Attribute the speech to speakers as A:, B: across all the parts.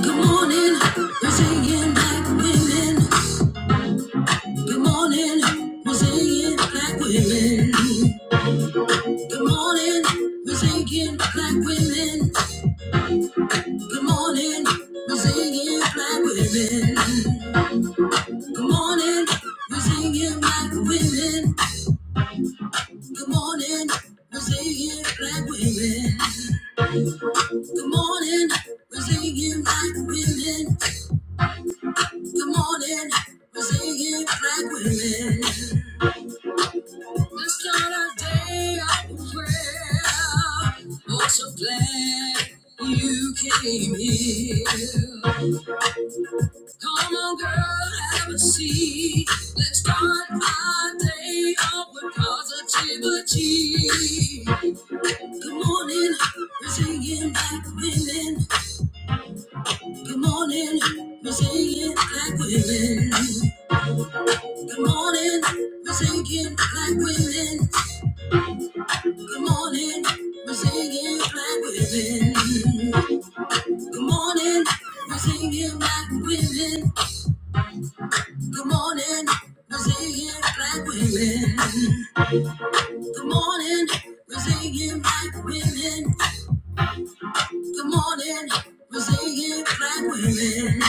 A: Good morning, we're singing black women. Good morning, we're singing black women. Good morning, we're singing black women. Good morning, we're singing black women. Good morning, we're singing black women. Good morning, we're singing black women. Good morning, we're singing black women. Good morning, we're singing black women. Let's start our day of prayer Oh, so glad you came here Come on, girl, have a seat Let's start our day off with positivity Good morning, we're singing black women Good morning, we're singing black women Good morning, we're singing black women Good morning, we're singing black women. Good morning, we're singing black women. Good morning, we're singing black women. Good morning, we're singing black women. Good morning, we're singing black women.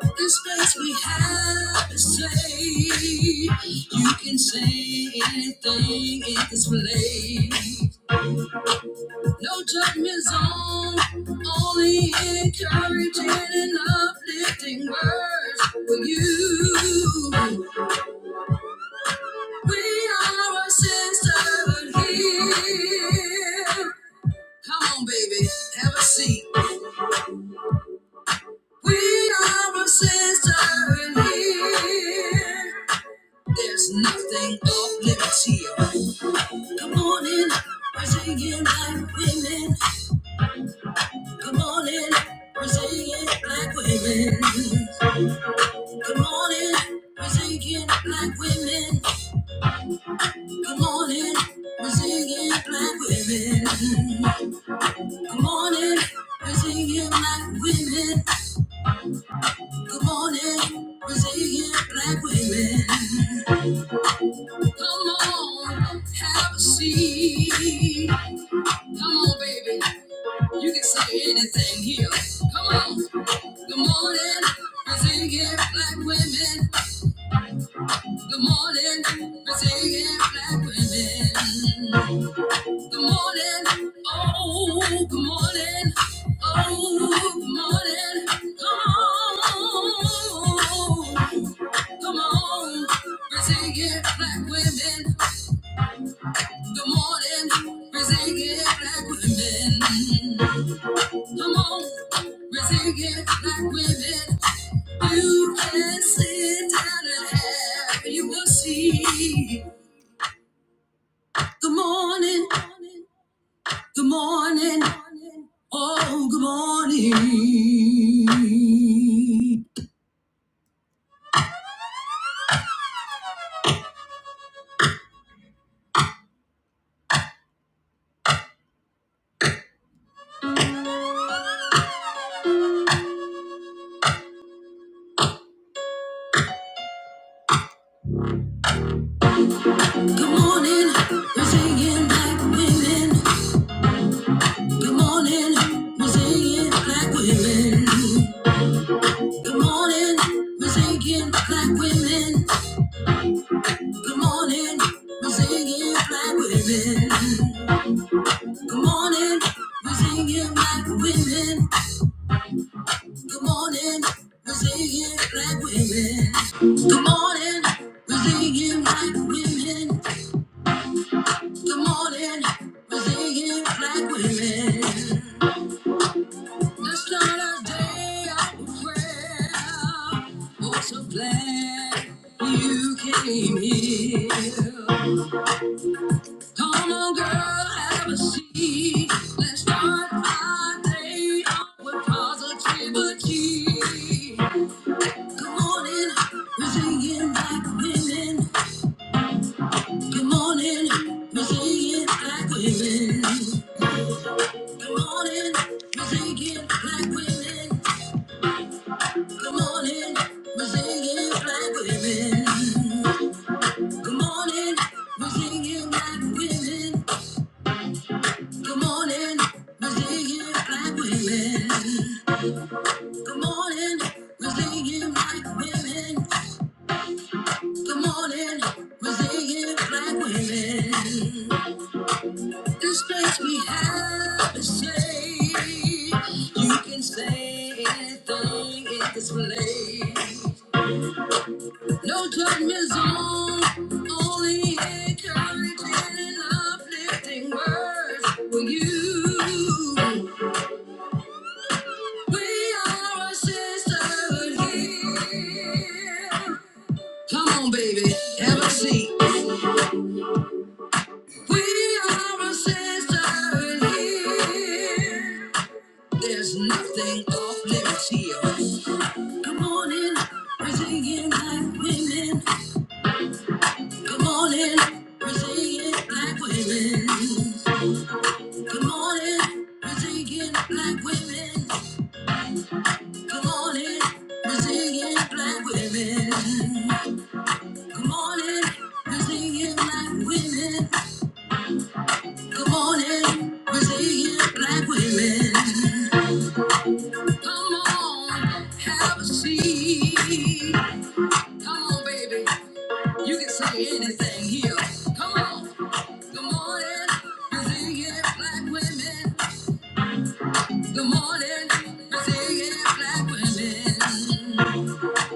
A: The space we have is safe. You can say anything in this place. No judgment zone, only encouraging and uplifting words for you. We are a sisterhood here. Come on, baby, have a seat. We are a sisterhood here. There's nothing off limits here. Come on in, we're singing black women. Come on in, we're singing black women. Good morning, we're singing black women. Good morning, we're singing black women. Good morning, we're singing black women. Good morning, we're singing black women. Come on, have a seat. Come on, baby, you can say anything here. Come on. Good morning, we're singing black women. Good morning, we're singing black women. Good morning. Oh, good morning. Oh, good morning. Come on. Come on. Brazilian black women. Good morning. Brazilian black women. Come on. Brazilian black women. You can sit down and have you will see. Good morning. Good morning. Oh, good morning. Good morning. We're singing black women. Good morning. We're singing black women. Good morning. We're singing black women. Good morning. We're singing black women. Good morning. We're singing black women. Good morning, we're singing black women. Good morning, we're singing black women. Good morning, we're singing black women. Let's start our day out with prayer. Oh, so glad you came here. Come on, girl, have a seat. Let's start our day out with positivity. Good morning, we're singing black women. Good morning, we're singing black women. Good morning, we're singing black women. Good morning, we're singing black women. Good morning, we're singing black women. Good morning, we're singing black women. Good morning, we're singing black women. Good morning, we're singing black women. This makes me happy. Say you can say anything in this place. No judgment zone, only encouraging and uplifting words for you. We are a sisterhood here. Come on, baby, have a seat. We are a sisterhood here. There's nothing off limits here. Come on in, Brazilian black women. Come on in, Brazilian black women. Come on in, Brazilian black women. Come on in, Brazilian black women. Come on in, Brazilian black women. Come on in, Brazilian black women. Come on, have a seat. Come on, baby. You can say anything here. Come on. Good morning, Brazilian black women. Good morning, Brazilian black women.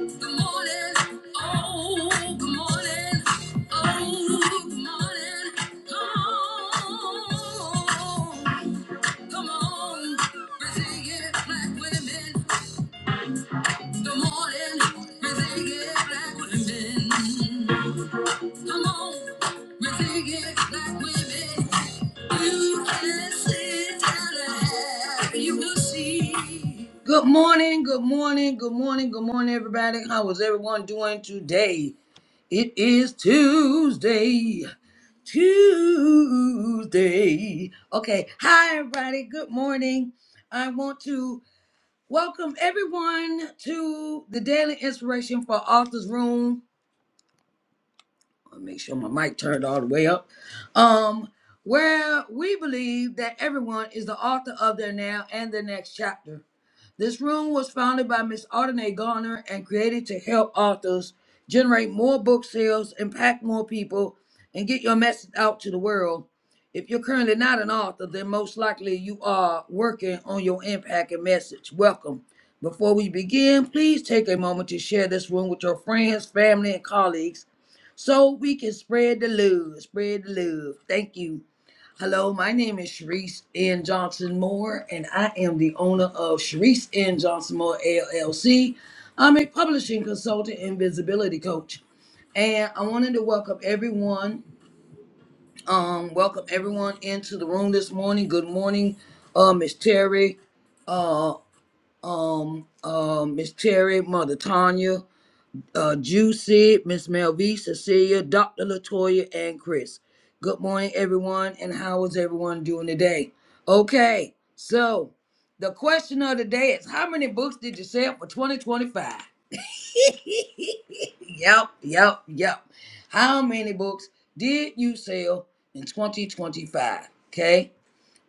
A: Good morning. Oh, good morning. Oh, good morning. Come on. Come on, Brazilian black women. Good morning, Brazilian black women. Come on, we're big black women. You can sit down and you will see. Good morning, good morning, good morning, good morning, everybody. How is everyone doing today? It is Tuesday. Tuesday. Okay. Hi, everybody. Good morning. I want to welcome everyone to the Daily Inspiration for Authors Room. Wanna make sure my mic turned all the way up. Um, where we believe that everyone is the author of their now and their next chapter. This room was founded by Miss Audrey Garner and created to help authors generate more book sales, impact more people, and get your message out to the world. If you're currently not an author, then most likely you are working on your impact and message. Welcome. Before we begin, please take a moment to share this room with your friends, family, and colleagues so we can spread the love. Spread the love. Thank you. Hello, my name is Sharice N. Johnson Moore, and I am the owner of Sharice N. Johnson Moore LLC. I'm a publishing consultant and visibility coach. And I wanted to welcome everyone, um, welcome everyone into the room this morning. Good morning, uh, Miss Terry, um, uh, Miss Terry, Mother Tanya. uh, Juicy, Miss Melvie, Cecilia, Dr. Latoya, and Chris. Good morning, everyone, and how is everyone doing today? Okay, so the question of the day is how many books did you sell for 2025? yep, yep, yep. How many books did you sell in 2025? Okay.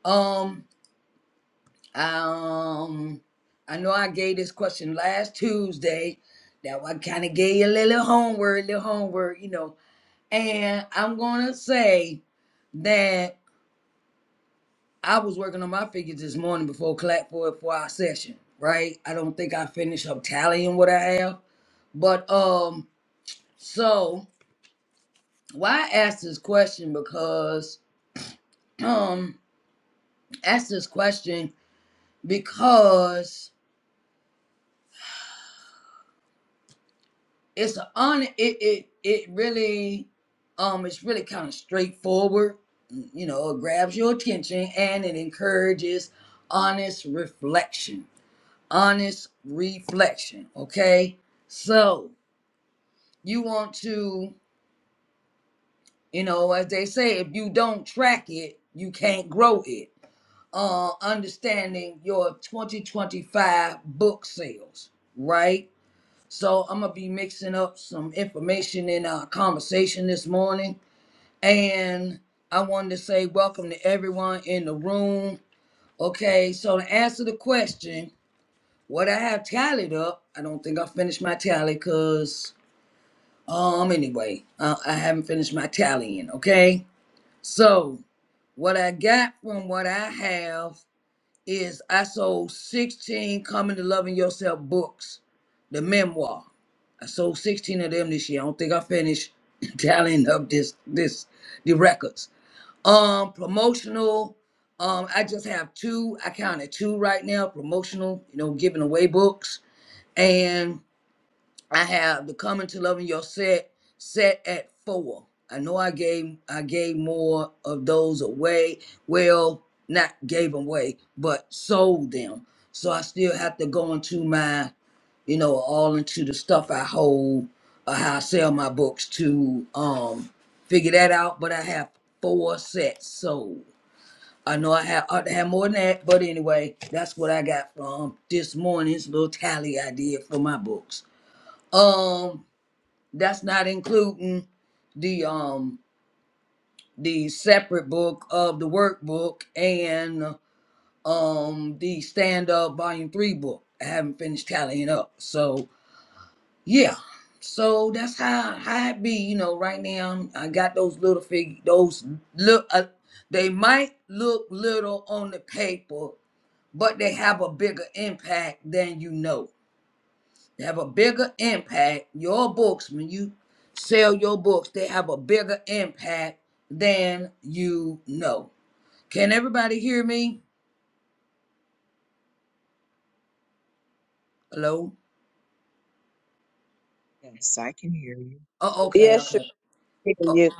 A: Um, um, I know I gave this question last Tuesday. That I kind of gave you a little homework, little homework, you know. And I'm gonna say that I was working on my figures this morning before class for for our session, right? I don't think I finished up tallying what I have, but um, so why I asked this question because um, asked this question because it's on it it it really um it's really kind of straightforward you know it grabs your attention and it encourages honest reflection honest reflection okay so you want to you know as they say if you don't track it you can't grow it uh understanding your 2025 book sales right so i'm gonna be mixing up some information in our conversation this morning And I wanted to say welcome to everyone in the room. Okay, so to answer the question, what I have tallied up, I don't think I finished my tally because, um, anyway, uh, I haven't finished my tallying. Okay, so what I got from what I have is I sold 16 Coming to Loving Yourself books, the memoir. I sold 16 of them this year. I don't think I finished tallying up this this the records. Um, promotional. Um, I just have two. I counted two right now. Promotional, you know, giving away books, and I have the Coming to Loving Your Set set at four. I know I gave I gave more of those away. Well, not gave them away, but sold them. So I still have to go into my, you know, all into the stuff I hold, or how I sell my books to um figure that out. But I have four sets sold. I know I had, ought to have more than that, but anyway, that's what I got from this morning's little tally I did for my books. Um, that's not including the um the separate book of the workbook and um the stand up volume three book. I haven't finished tallying up, so yeah. So that's how how it be, you know. Right now, I got those little fig, those look. Uh, they might look little on the paper, but they have a bigger impact than you know. They have a bigger impact. Your books, when you sell your books, they have a bigger impact than you know. Can everybody hear me? Hello?
B: Yes, I can hear you.
A: Oh, okay,
C: Yes, sure.
A: okay.
C: We can
A: Oh,
C: hear you.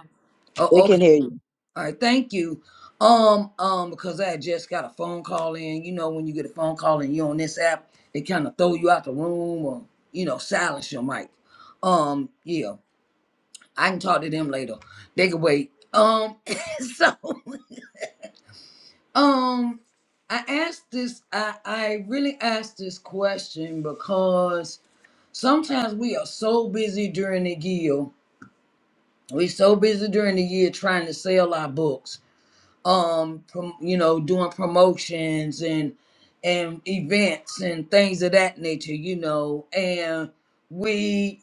C: We
A: oh,
C: can
A: okay.
C: hear you.
A: All right, thank you. Um, um, because I just got a phone call in. You know, when you get a phone call and you're on this app, it kind of throw you out the room or, you know, silence your mic. Um, yeah. I can talk to them later. They can wait. Um, so um, I asked this. I I really asked this question because sometimes we are so busy during the year. We so busy during the year trying to sell our books. Um, prom, you know, doing promotions and and events and things of that nature. You know, and we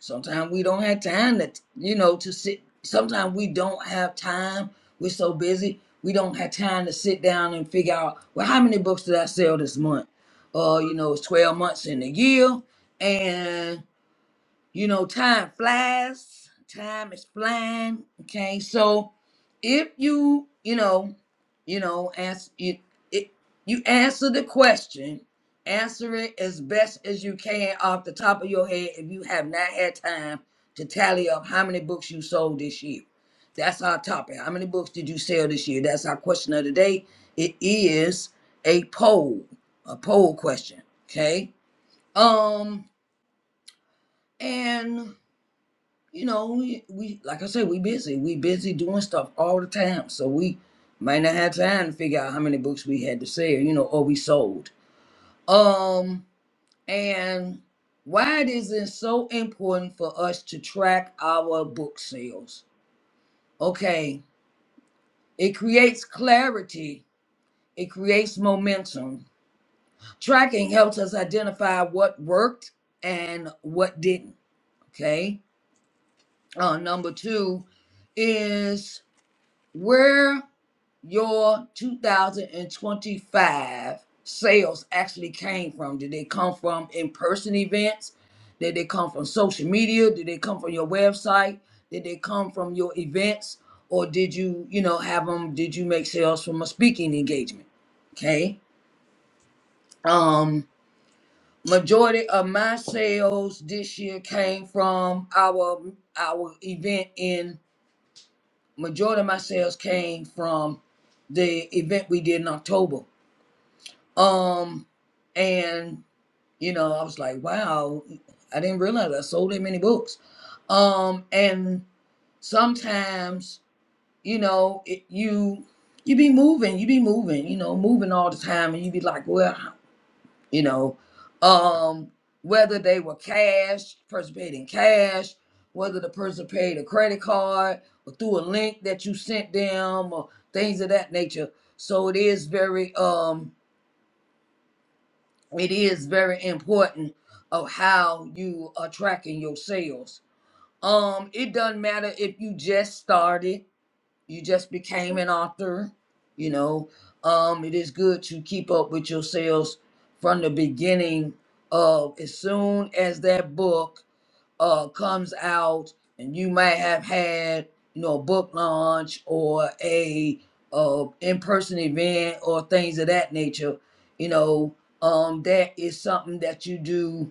A: Sometimes we don't have time to, you know, to sit. Sometimes we don't have time. We're so busy. We don't have time to sit down and figure out, well, how many books did I sell this month? Uh, you know, it's 12 months in a year. and. You know, time flies, time is flying. Okay, so if you, you know, you know, ask you, it, you answer the question, answer it as best as you can off the top of your head. If you have not had time to tally up how many books you sold this year, that's our topic. How many books did you sell this year? That's our question of the day. It is a poll, a poll question. Okay, um, and you know, we, we like I said, we busy. We busy doing stuff all the time. So we might not have time to figure out how many books we had to sell, you know, or we sold. Um, and why it is it so important for us to track our book sales? Okay, it creates clarity, it creates momentum. Tracking helps us identify what worked and what didn't. Okay. Uh, number two is where your 2025 sales actually came from? Did they come from in person events? Did they come from social media? Did they come from your website? Did they come from your events? Or did you, you know, have them? Did you make sales from a speaking engagement? Okay. Um, majority of my sales this year came from our our event in majority of my sales came from the event we did in October Um, and you know, I was like, wow, I didn't realize I sold that many books. Um, and sometimes, you know, it, you you be moving, you be moving, you know, moving all the time, and you be like, well, how- you know, um, whether they were cash, person paid in cash, whether the person paid a credit card or through a link that you sent them or things of that nature. So it is very um. it is very important of how you are tracking your sales. Um, it doesn't matter if you just started, you just became an author, you know. Um, it is good to keep up with your sales from the beginning of as soon as that book uh, comes out and you might have had you know a book launch or a uh, in-person event or things of that nature you know um, that is something that you do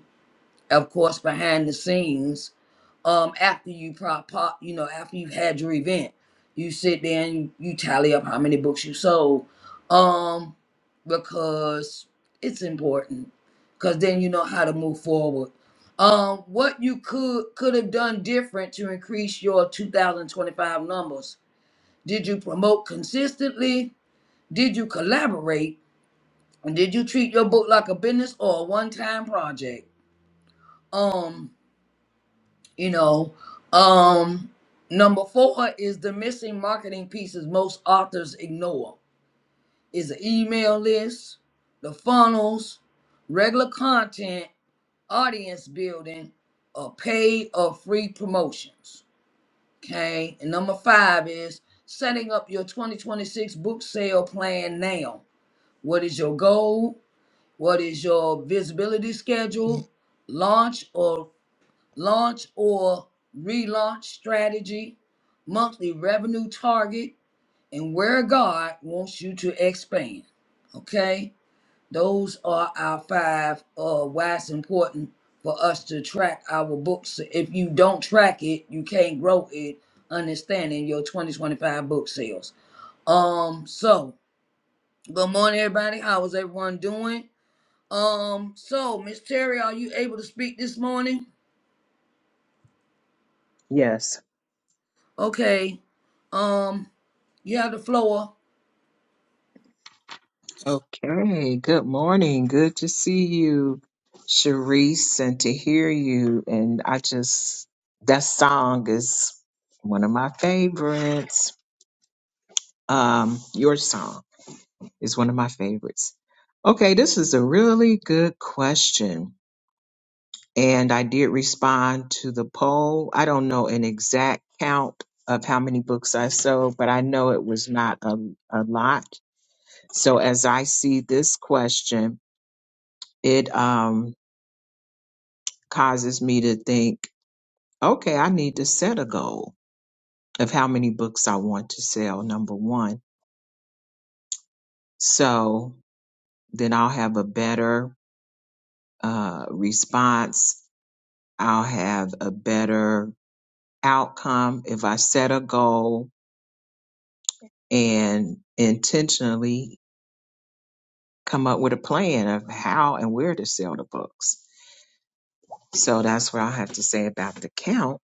A: of course behind the scenes um after you pop, pop you know after you've had your event you sit there and you, you tally up how many books you sold um because it's important because then you know how to move forward um what you could could have done different to increase your 2025 numbers did you promote consistently did you collaborate and did you treat your book like a business or a one-time project um you know um number four is the missing marketing pieces most authors ignore is the email list the funnels regular content audience building or paid or free promotions okay and number five is setting up your 2026 book sale plan now what is your goal what is your visibility schedule launch or launch or relaunch strategy, monthly revenue target, and where God wants you to expand. Okay? Those are our five uh why it's important for us to track our books. So If you don't track it, you can't grow it, understanding your 2025 book sales. Um, so good morning everybody. How is everyone doing? Um, so Miss Terry, are you able to speak this morning?
B: Yes.
A: Okay. Um, You have the floor.
B: Okay, good morning. Good to see you, Sharice, and to hear you. And I just, that song is one of my favorites. Um, your song is one of my favorites. Okay, this is a really good question. And I did respond to the poll. I don't know an exact count of how many books I sold, but I know it was not a, a lot. So as I see this question, it um, causes me to think, okay, I need to set a goal of how many books I want to sell, number one. So then I'll have a better uh, response. I'll have a better outcome if I set a goal and intentionally come up with a plan of how and where to sell the books. So that's what I have to say about the count.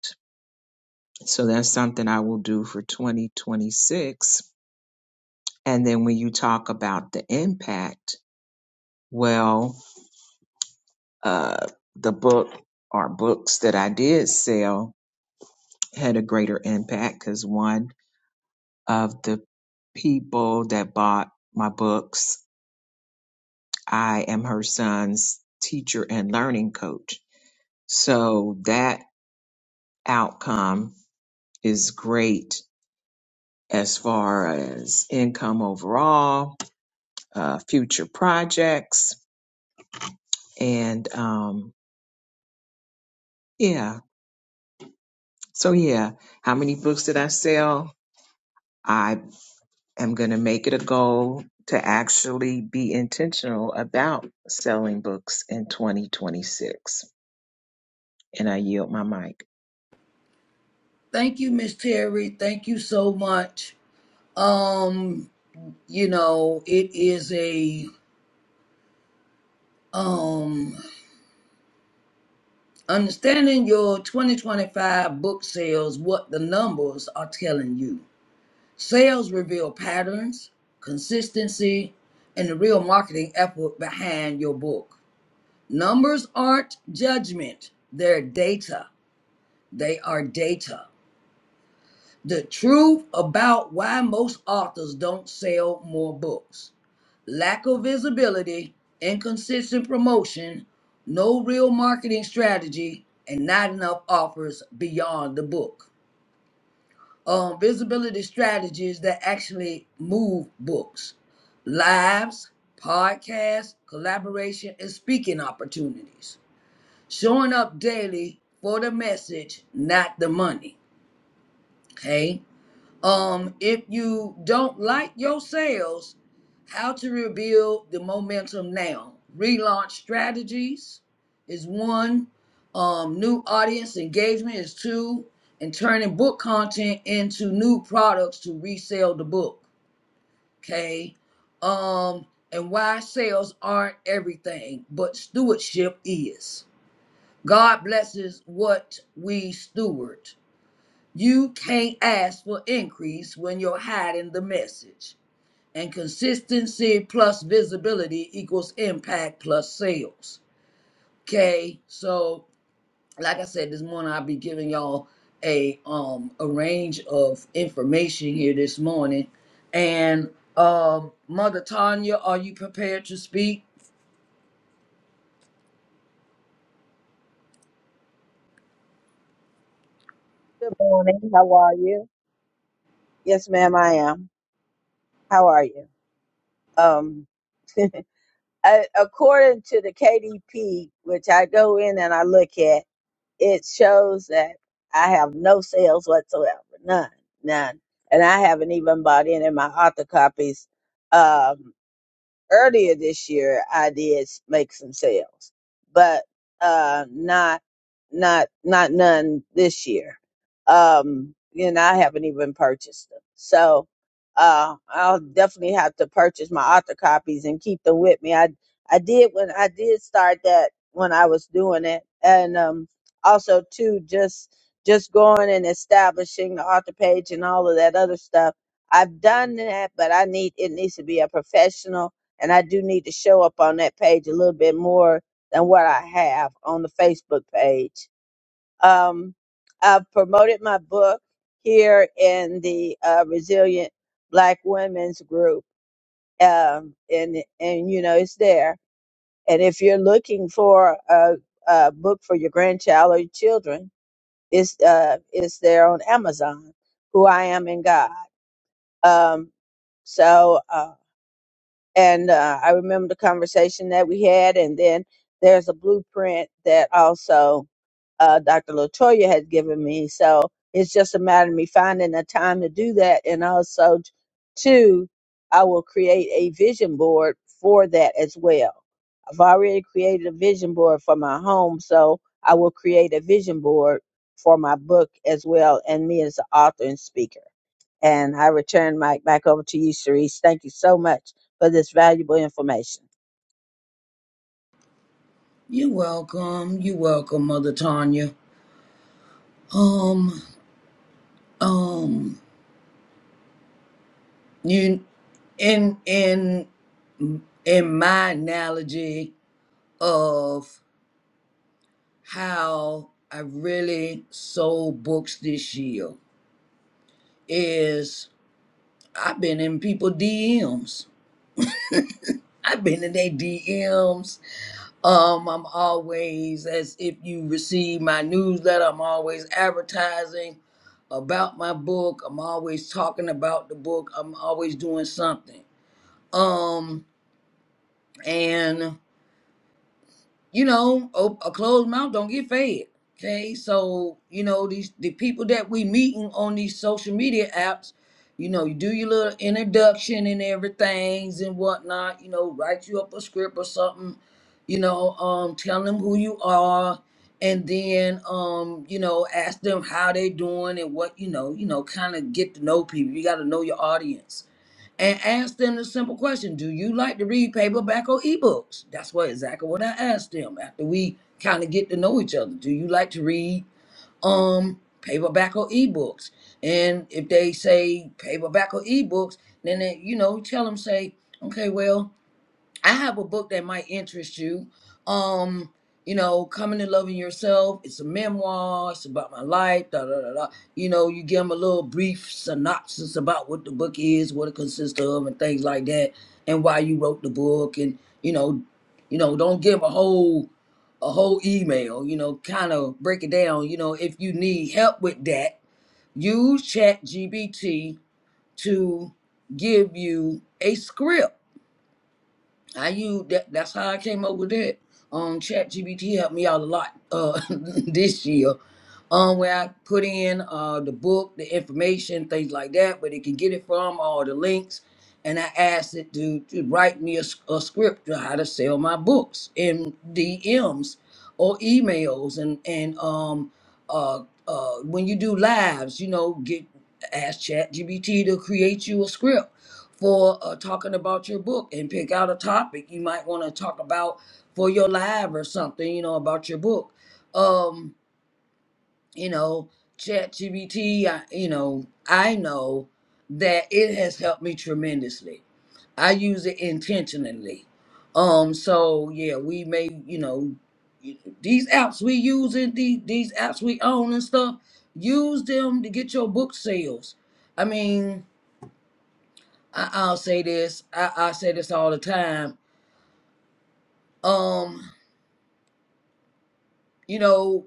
B: So that's something I will do for 2026. And then when you talk about the impact, well, uh, the book or books that I did sell had a greater impact because one of the people that bought my books, I am her son's teacher and learning coach. So that outcome is great as far as income overall, uh, future projects And um, yeah, so yeah, how many books did I sell? I am going to make it a goal to actually be intentional about selling books in 2026. And I yield my mic.
A: Thank you, Miss Terry. Thank you so much. Um, you know, it is a um understanding your 2025 book sales, what the numbers are telling you. Sales reveal patterns, consistency, and the real marketing effort behind your book. Numbers aren't judgment, they're data. They are data. The truth about why most authors don't sell more books. Lack of visibility, inconsistent promotion, no real marketing strategy, and not enough offers beyond the book. Um, visibility strategies that actually move books. Lives, podcasts, collaboration, and speaking opportunities. Showing up daily for the message, not the money. Okay Um, if you don't like your sales, how to rebuild the momentum now. Relaunch strategies is one. Um, new audience engagement is two. And turning book content into new products to resell the book. Okay. Um, and why sales aren't everything, but stewardship is. God blesses what we steward. You can't ask for increase when you're hiding the message. And consistency plus visibility equals impact plus sales. Okay, so like I said this morning, I'll be giving y'all a um a range of information here this morning. And um, Mother Tanya, are you prepared to speak?
C: Good morning. How are you? Yes, ma'am, I am. How are you? Um, a- according to the KDP, which I go in and I look at, it shows that I have no sales whatsoever, none, none, and I haven't even bought any of my author copies. Um. earlier this year I did make some sales, but uh, not not not none this year. Um, and I haven't even purchased them, so uh, I'll definitely have to purchase my author copies and keep them with me. I I did when I did start that when I was doing it, and um, also too just just going and establishing the author page and all of that other stuff. I've done that, but I need it needs to be a professional and I do need to show up on that page a little bit more than what I have on the Facebook page. Um, I've promoted my book here in the uh, Resilient Black Women's Group. Um, and, and, you know, it's there. And if you're looking for a, a book for your grandchild or your children, it's, uh, it's there on Amazon, Who I Am in God. Um, so, uh, and uh, I remember the conversation that we had. And then there's a blueprint that also uh, Dr. Latoya had given me. So it's just a matter of me finding a time to do that, and also t- two, I will create a vision board for that as well. I've already created a vision board for my home, so I will create a vision board for my book as well, and me as the author and speaker. And I return Mike back over to you, Sharice. Thank you so much for this valuable information.
A: You're welcome. You're welcome, Mother Tanya. Um, um, you in in in my analogy of how I really sold books this year is I've been in people DMs. I've been in their DMs. Um, I'm always, as if you receive my newsletter, I'm always advertising about my book. I'm always talking about the book. I'm always doing something. Um, and. you know, op- a closed mouth don't get fed. Okay, so you know these the people that we meeting on these social media apps. You know, you do your little introduction and everything's and whatnot. You know, write you up a script or something. You know, um, tell them who you are, and then um, you know, ask them how they doing and what you know. You know, kind of get to know people. You got to know your audience and ask them the simple question do you like to read paperback or ebooks that's what exactly what i asked them after we kind of get to know each other do you like to read um paperback or ebooks and if they say paperback or ebooks then they, you know tell them say okay well I have a book that might interest you. Um, you know, coming to loving yourself. It's a memoir. It's about my life. Da da da da. You know, you give them a little brief synopsis about what the book is, what it consists of, and things like that, and why you wrote the book. And you know, you know, don't give 'em a whole a whole email. You know, kind of break it down. You know, if you need help with that, use Chat GBT to give you a script I use that. That's how I came up with that. Um, Chat GBT helped me out a lot uh, this year um, where I put in uh, the book, the information, things like that, where they can get it from, all the links. And I asked it to, to write me a, s- a script on how to sell my books in DMs or emails. And, and um, uh, uh, when you do lives, you know, get ask ChatGPT to create you a script for uh, talking about your book and pick out a topic you might want to talk about for your live or something, you know, about your book. Um, you know, ChatGPT, I- you know, I know that it has helped me tremendously. I use it intentionally. Um, so yeah, we may, you know, y- these apps we using, these these apps we own and stuff, use them to get your book sales. I mean, I, I'll say this, I, I say this all the time. Um, you know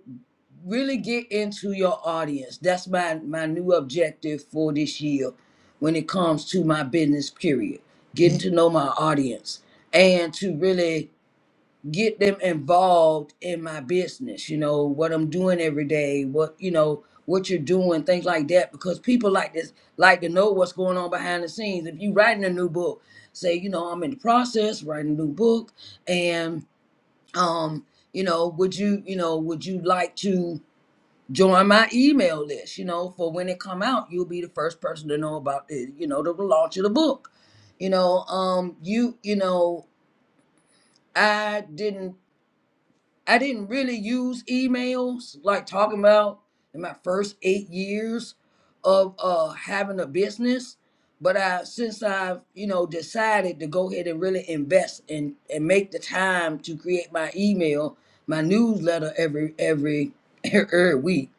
A: really get into your audience that's my my new objective for this year when it comes to my business period getting to know my audience and to really get them involved in my business you know what i'm doing every day what you know what you're doing things like that because people like this like to know what's going on behind the scenes if you writing a new book say you know i'm in the process writing a new book and um you know would you you know would you like to join my email list you know for when it come out you'll be the first person to know about the you know the launch of the book you know um you you know i didn't I didn't really use emails, like talking about in my first eight years of uh having a business. But I since I've, you know, decided to go ahead and really invest and, and make the time to create my email, my newsletter every every every week,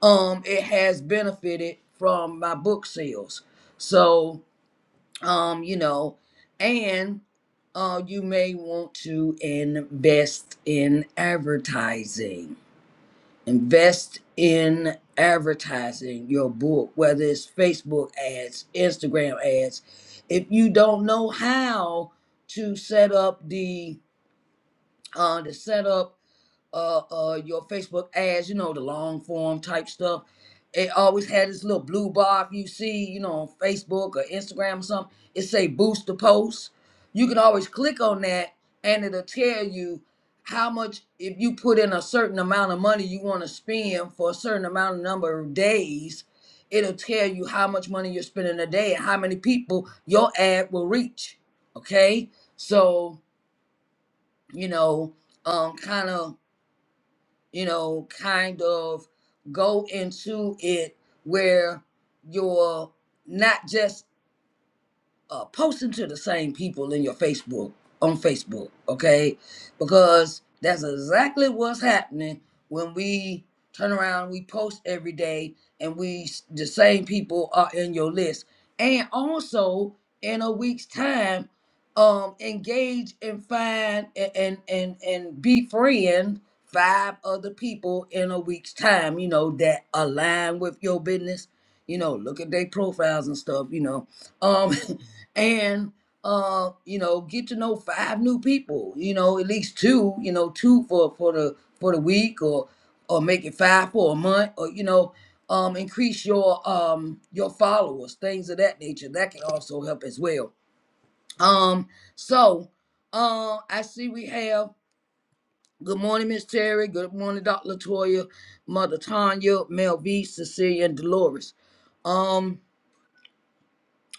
A: um, it has benefited from my book sales. So um, you know, and uh, you may want to invest in advertising. Invest in advertising your book, whether it's Facebook ads, Instagram ads. If you don't know how to set up the uh, to set up uh uh your Facebook ads, you know, the long form type stuff. It always had this little blue bar if you see, you know, on Facebook or Instagram or something, it say boost the post. You can always click on that and it'll tell you how much if you put in a certain amount of money you want to spend for a certain amount of number of days, it'll tell you how much money you're spending a day and how many people your ad will reach. Okay? So, you know, um kind of you know, kind of go into it where you're not just uh, posting to the same people in your Facebook on Facebook, okay? Because that's exactly what's happening when we turn around, we post every day, and we the same people are in your list, and also in a week's time, um, engage and find a- and and and befriend five other people in a week's time, you know, that align with your business. You know, look at their profiles and stuff, you know. Um and uh you know get to know five new people you know at least two you know two for for the for the week or or make it five for a month or you know um increase your um your followers things of that nature that can also help as well um so uh i see we have good morning miss terry good morning dr latoya mother tanya mel v cecilia and dolores um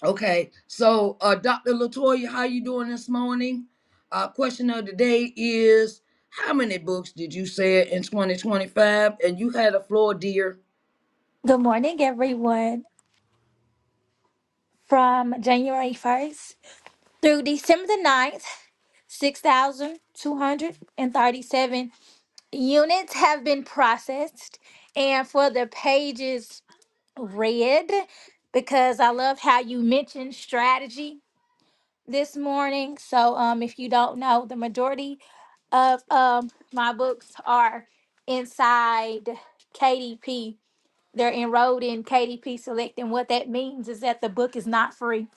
A: Okay, so uh, Dr. Latoya, how you doing this morning? Uh, question of the day is: How many books did you sell in 2025? And you had a floor, dear,
D: Good morning, everyone. From January 1st through December the 9th, 6,237 units have been processed. And for the pages read, because I love how you mentioned strategy this morning. So, um, if you don't know, the majority of um, my books are inside KDP. They're enrolled in KDP Select. And what that means is that the book is not free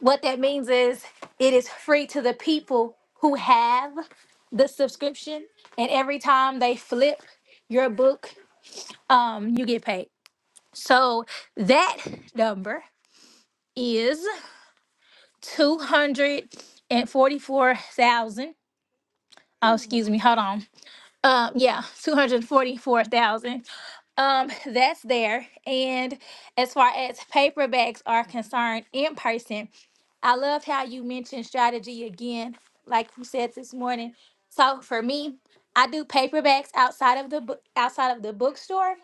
D: What that means is it is free to the people who have the subscription, and every time they flip your book, um, you get paid. So that number is two hundred and forty-four thousand. Oh, excuse me. Hold on. Um, yeah, two hundred forty-four thousand. Um, that's there. And as far as paperbacks are concerned, in person, I love how you mentioned strategy again, like you said this morning. So for me, I do paperbacks outside of the book, outside of the bookstore,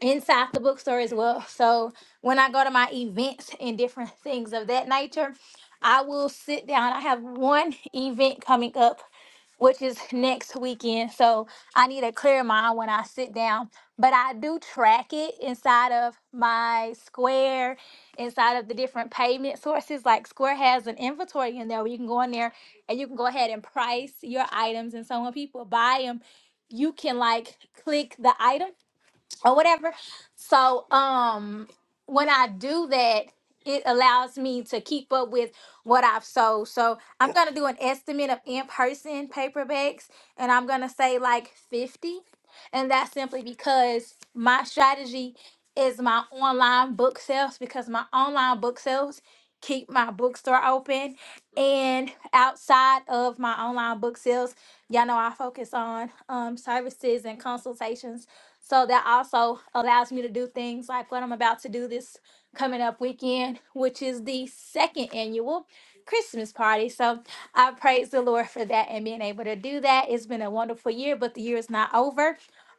D: inside the bookstore as well. So when I go to my events and different things of that nature, I will sit down. I have one event coming up which is next weekend. So I need a clear mind when I sit down. But I do track it inside of my Square, inside of the different payment sources. Like Square has an inventory in there where you can go in there and you can go ahead and price your items. And so when people buy them, you can like click the item or whatever. So um when I do that, it allows me to keep up with what I've sold. So I'm gonna do an estimate of in-person paperbacks and I'm gonna say like 50. And that's simply because my strategy is my online book sales because my online book sales keep my bookstore open. And outside of my online book sales, y'all know I focus on um, services and consultations so that also allows me to do things like what I'm about to do this coming up weekend, which is the second annual Christmas party. So I praise the Lord for that and being able to do that. It's been a wonderful year, but the year is not over.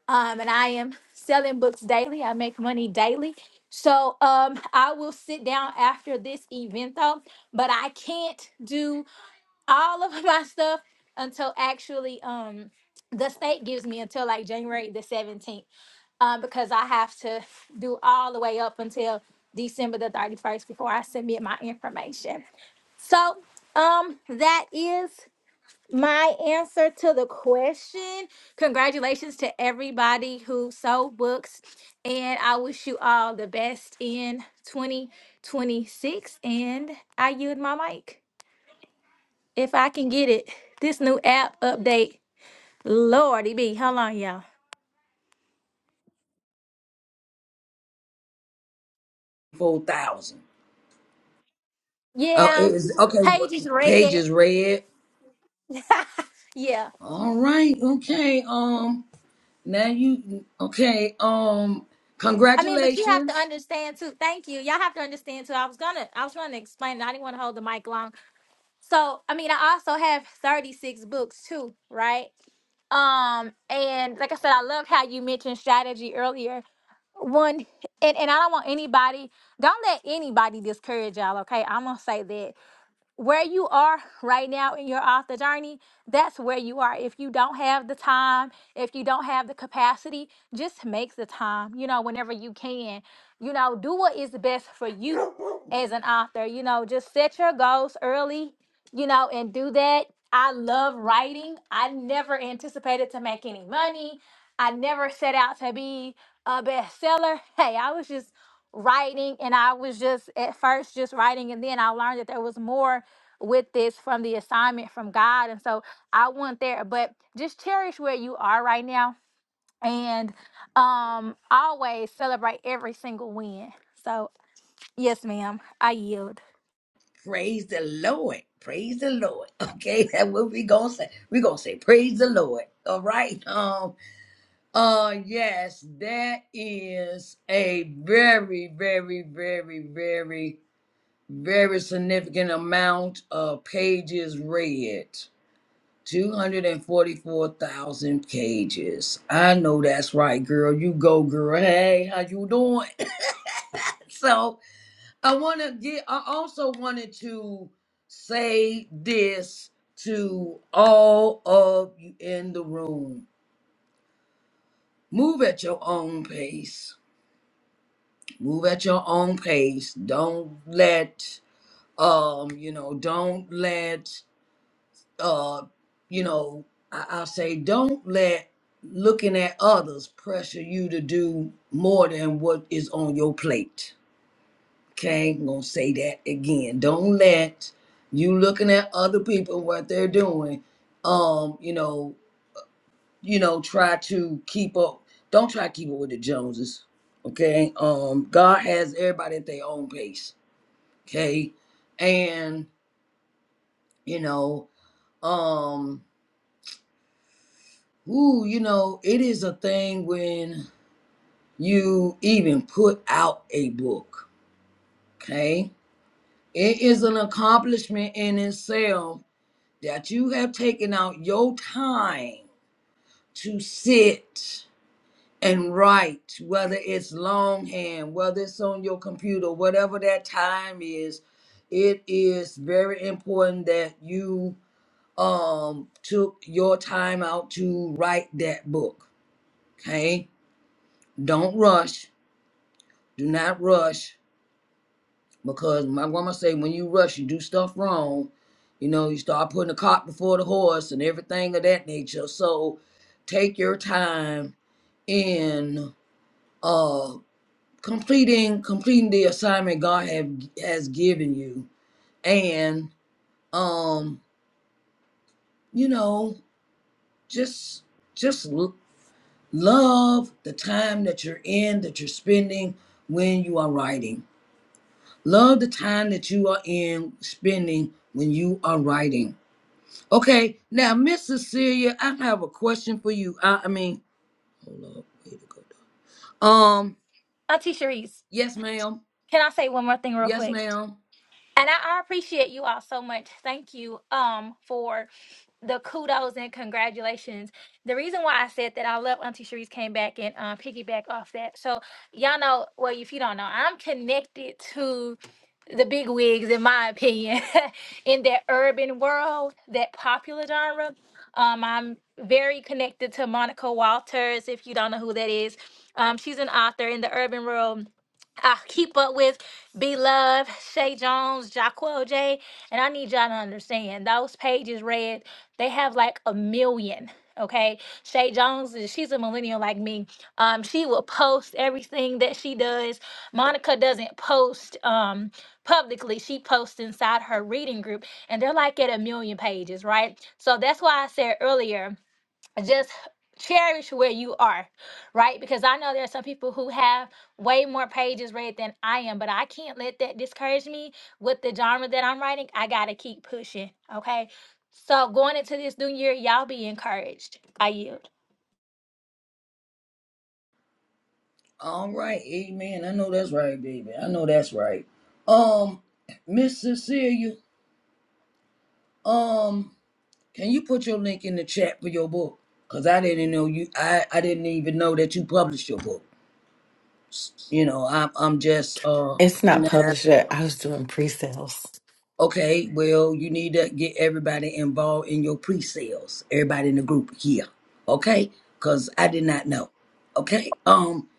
D: Um, and I am selling books daily. I make money daily. So um, I will sit down after this event though, but I can't do all of my stuff until actually um, the state gives me until like January the 17th uh, because I have to do all the way up until December the 31st before I submit my information. So um, that is my answer to the question. Congratulations to everybody who sold books, and I wish you all the best in 2026. And I yield my mic if I can get it. This new app update, Lordy be, how long, y'all?
A: four thousand. Oh, it
D: Yeah,
A: is okay.
D: page is
A: What,
D: red.
A: pages read.
D: yeah.
A: All right. Okay. Um. Now you. Okay. Um.
D: I mean, but you have to
A: Congratulations.
D: understand too. Thank you. Y'all have to understand too. I was gonna, I was trying to explain. I didn't want to hold the mic long. So, I mean, I also have thirty six books too, right? Um, and like I said, I love how you mentioned strategy earlier. One, and and I don't want anybody, don't let anybody discourage y'all. Okay, I'm gonna say that where you are right now in your author journey, that's where you are. If you don't have the time, if you don't have the capacity, just make the time, you know, whenever you can. You know, do what is best for you as an author. You know, just set your goals early, you know, and do that. I love writing. I never anticipated to make any money. I never set out to be a bestseller. Hey, I was just writing and I was just at first just writing and then I learned that there was more with this from the assignment from God. And so I went there, but just cherish where you are right now and um always celebrate every single win. So yes, ma'am, I yield.
A: Praise the Lord. Praise the Lord. Okay, that's what we gonna say. We gonna say praise the Lord. All right. Um. Uh yes, that is a very, very, very, very, very significant amount of pages read. 244,000 pages. I know that's right, girl. You go, girl. Hey, how you doing? so I want to get, I also wanted to say this to all of you in the room. Move at your own pace move at your own pace don't let um you know don't let uh you know I- i'll say don't let looking at others pressure you to do more than what is on your plate okay i'm gonna say that again don't let you looking at other people what they're doing um you know you know try to keep up don't try to keep up with the joneses okay um god has everybody at their own pace Okay. And, you know, um, ooh, you know, it is a thing when you even put out a book. Okay. It is an accomplishment in itself that you have taken out your time to sit and write, whether it's longhand, whether it's on your computer, whatever that time is, it is very important that you um took your time out to write that book. Okay? Don't rush. Do not rush because my grandma say when you rush you do stuff wrong. You know, you start putting the cart before the horse and everything of that nature. So take your time in uh completing completing the assignment God have has given you and um you know just just l- Love the time that you're in, that you're spending when you are writing. Love the time that you are in spending when you are writing. Okay, now, Miss Cecilia, I have a question for you. I, I mean, hold up, way to go? dog. Um,
D: Auntie Sharice,
A: yes, ma'am.
D: can I say one more thing real
A: Yes,
D: quick?
A: ma'am.
D: And I, I appreciate you all so much. Thank you um for the kudos and congratulations. The reason why I said that I love Auntie Sharice came back and um, piggyback off that. So y'all know, well, if you don't know, I'm connected to the big wigs, in my opinion, in that urban world, that popular genre. Um, I'm very connected to Monica Walters. If you don't know who that is, um, she's an author in the urban world. I keep up with Be Love, Shay Jones, Jacquel J, and I need y'all to understand those pages read they have like a million. Okay, Shay Jones, she's a millennial like me. Um, she will post everything that she does. Monica doesn't post um publicly; she posts inside her reading group, and they're like at a million pages, right? So that's why I said earlier just cherish where you are, right? Because I know there are some people who have way more pages read than I am, but I can't let that discourage me with the genre that I'm writing. I gotta keep pushing, okay? So going into this new year, y'all be encouraged. I yield.
A: All right, amen. I know that's right, baby. I know that's right. Um, Miss Cecilia, um, Can you put your link in the chat for your book? Cause I didn't know you. I I didn't even know that you published your book. S- You know, I'm I'm just uh
E: It's not
A: pointing that out.
E: published yet. I was doing pre-sales.
A: Okay, well, you need to get everybody involved in your pre-sales. Everybody in the group here, okay? Cause I did not know. Okay, um,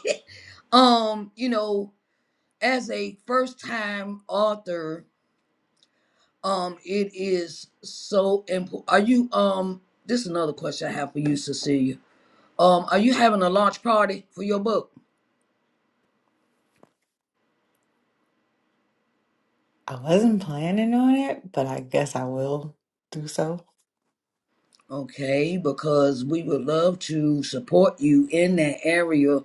A: um, you know, as a first-time author, um, it is so important. Are you um? This is another question I have for you, Cecilia Um, are you having a launch party for your book?
E: I wasn't planning on it, but I guess I will do so.
A: Okay, because we would love to support you in that area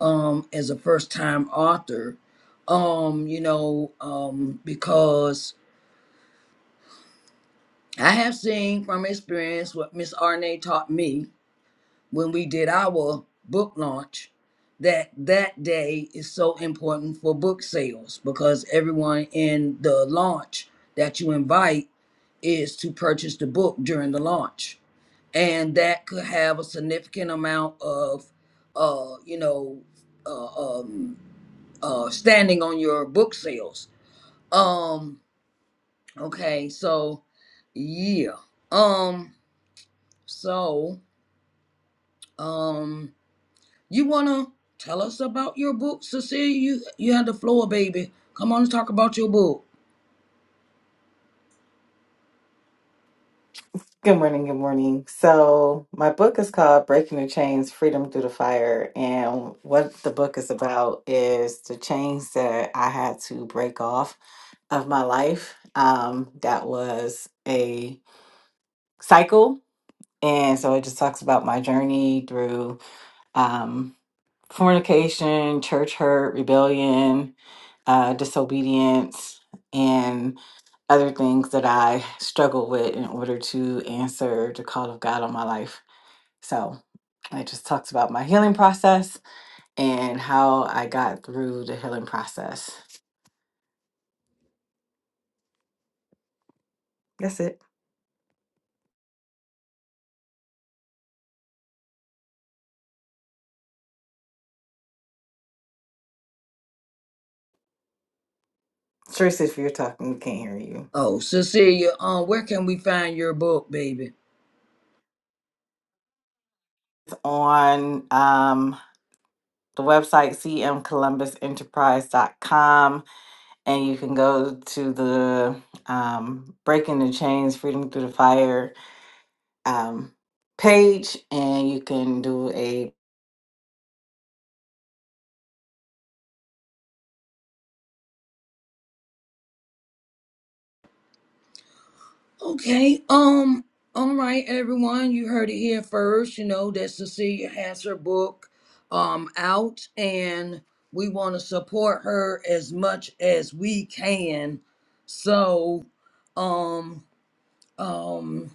A: um as a first time author. Um, you know, um, because I have seen from experience what Miss Arne taught me when we did our book launch that that day is so important for book sales because everyone in the launch that you invite is to purchase the book during the launch and that could have a significant amount of uh you know uh, um uh standing on your book sales um okay so yeah um so um you want to tell us about your book cecilia you you had the floor baby come on and talk about your book
E: Good morning, good morning. So, my book is called Breaking the Chains: Freedom Through the Fire, and what the book is about is the chains that I had to break off of my life. Um, that was a cycle, and so it just talks about my journey through um, fornication, church hurt, rebellion, uh, disobedience, and other things that I struggle with in order to answer the call of God on my life. So I just talked about my healing process and how I got through the healing process. That's it. Trace, if you're talking, we can't hear you.
A: oh cecilia um where can we find your book baby
E: It's on um, the website cmcolumbusenterprise.com, and you can go to the um, Breaking the Chains Freedom Through the Fire um, page and you can do a
A: Okay. Um. All right, everyone. You heard it here first. You know that Cecilia has her book, um, out, and we want to support her as much as we can. So, um, um,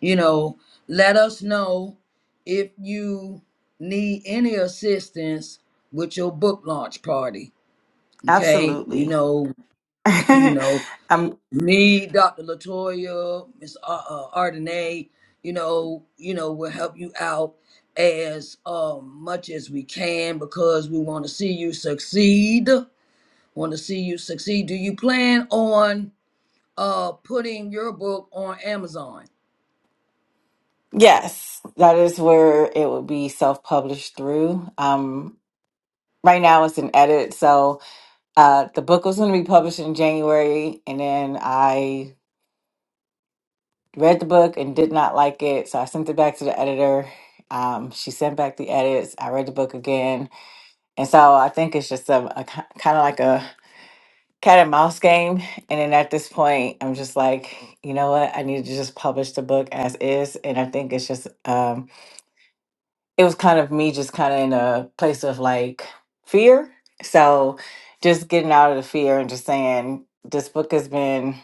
A: you know, let us know if you need any assistance with your book launch party. Okay. You
E: absolutely
A: know, you know
E: um
A: me, Dr. Latoya, Miss Ar- uh, Ardenay, you know, you know, we'll help you out as um, much as we can because we want to see you succeed. Want to see you succeed. Do you plan on uh putting your book on Amazon?
E: yes that is where it will be self-published through um right now it's an edit so uh the book was going to be published in january and then i read the book and did not like it so i sent it back to the editor um she sent back the edits i read the book again and so i think it's just a, a kind of like a cat and mouse game. And then at this point, I'm just like, you know what? I need to just publish the book as is. And I think it's just, um, it was kind of me just kind of in a place of like fear. So just getting out of the fear and just saying, this book has been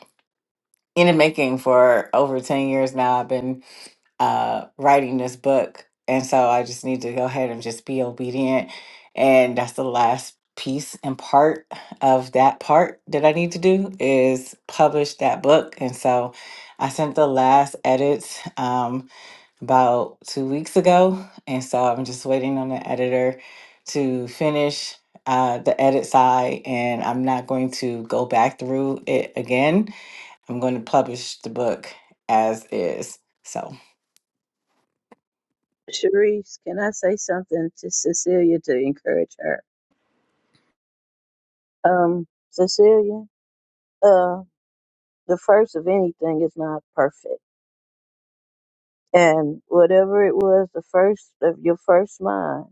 E: in the making for over 10 years now. I've been uh, writing this book. And so I just need to go ahead and just be obedient. And that's the last piece and part of that part that I need to do is publish that book. And so I sent the last edits um, about two weeks ago. And so I'm just waiting on the editor to finish uh, the edit side. And I'm not going to go back through it again. I'm going to publish the book as is. So.
C: Sharice, can I say something to Cecilia to encourage her? Um, Cecilia, uh, the first of anything is not perfect. And whatever it was, the first of your first mind,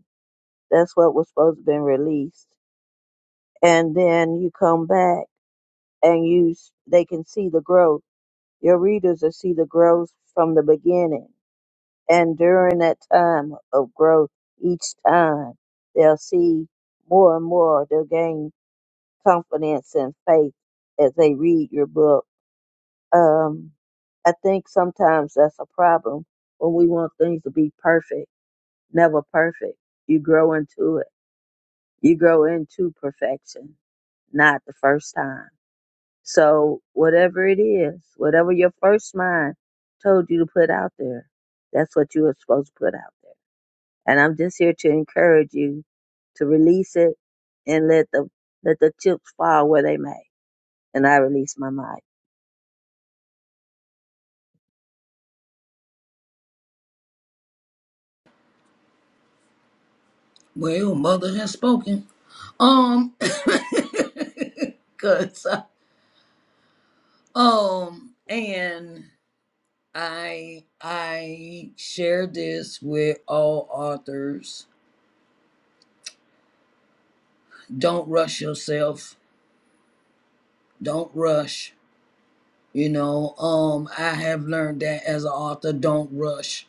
C: that's what was supposed to be released. And then you come back and you, s- they can see the growth. Your readers will see the growth from the beginning And during that time of growth, each time they'll see more and more, they'll gain confidence and faith as they read your book. Um, I think sometimes that's a problem when we want things to be perfect, never perfect. You grow into it, you grow into perfection, not the first time. So, whatever it is, whatever your first mind told you to put out there, that's what you were supposed to put out there. And I'm just here to encourage you to release it and let the let the chips fall where they may. And I release my mind.
A: Well, mother has spoken. Um, cause uh, um, and I I share this with all authors don't rush yourself don't rush you know um i have learned that as an author don't rush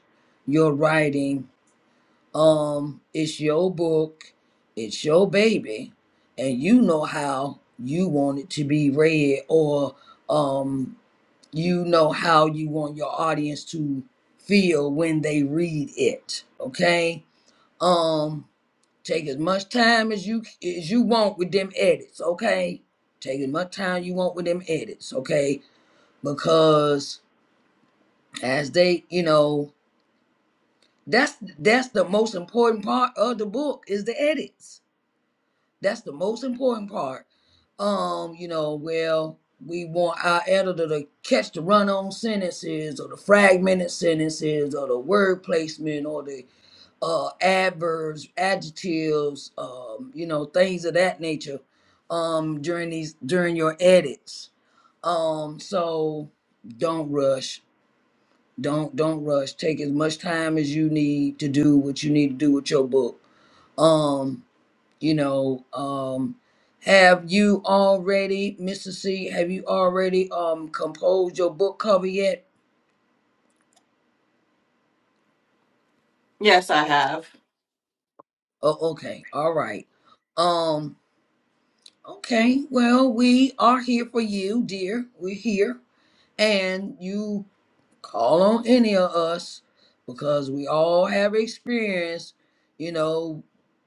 A: your writing um it's your book it's your baby and you know how you want it to be read or um you know how you want your audience to feel when they read it okay um Take as much time as you as you want with them edits, okay? Take as much time you want with them edits, okay? Because as they, you know, that's that's the most important part of the book is the edits. That's the most important part. Um, you know, well, we want our editor to catch the run-on sentences or the fragmented sentences or the word placement or the uh, adverbs, adjectives, um, you know, things of that nature um, during these during your edits. Um, so don't rush. Don't don't rush. Take as much time as you need to do what you need to do with your book. Um, you know, um, have you already, Mr. C? Have you already um composed your book cover yet?
E: Yes, I have.
A: Oh, okay, all right. Um, Okay, well, we are here for you, dear. We're here. And you call on any of us because we all have experience, you know,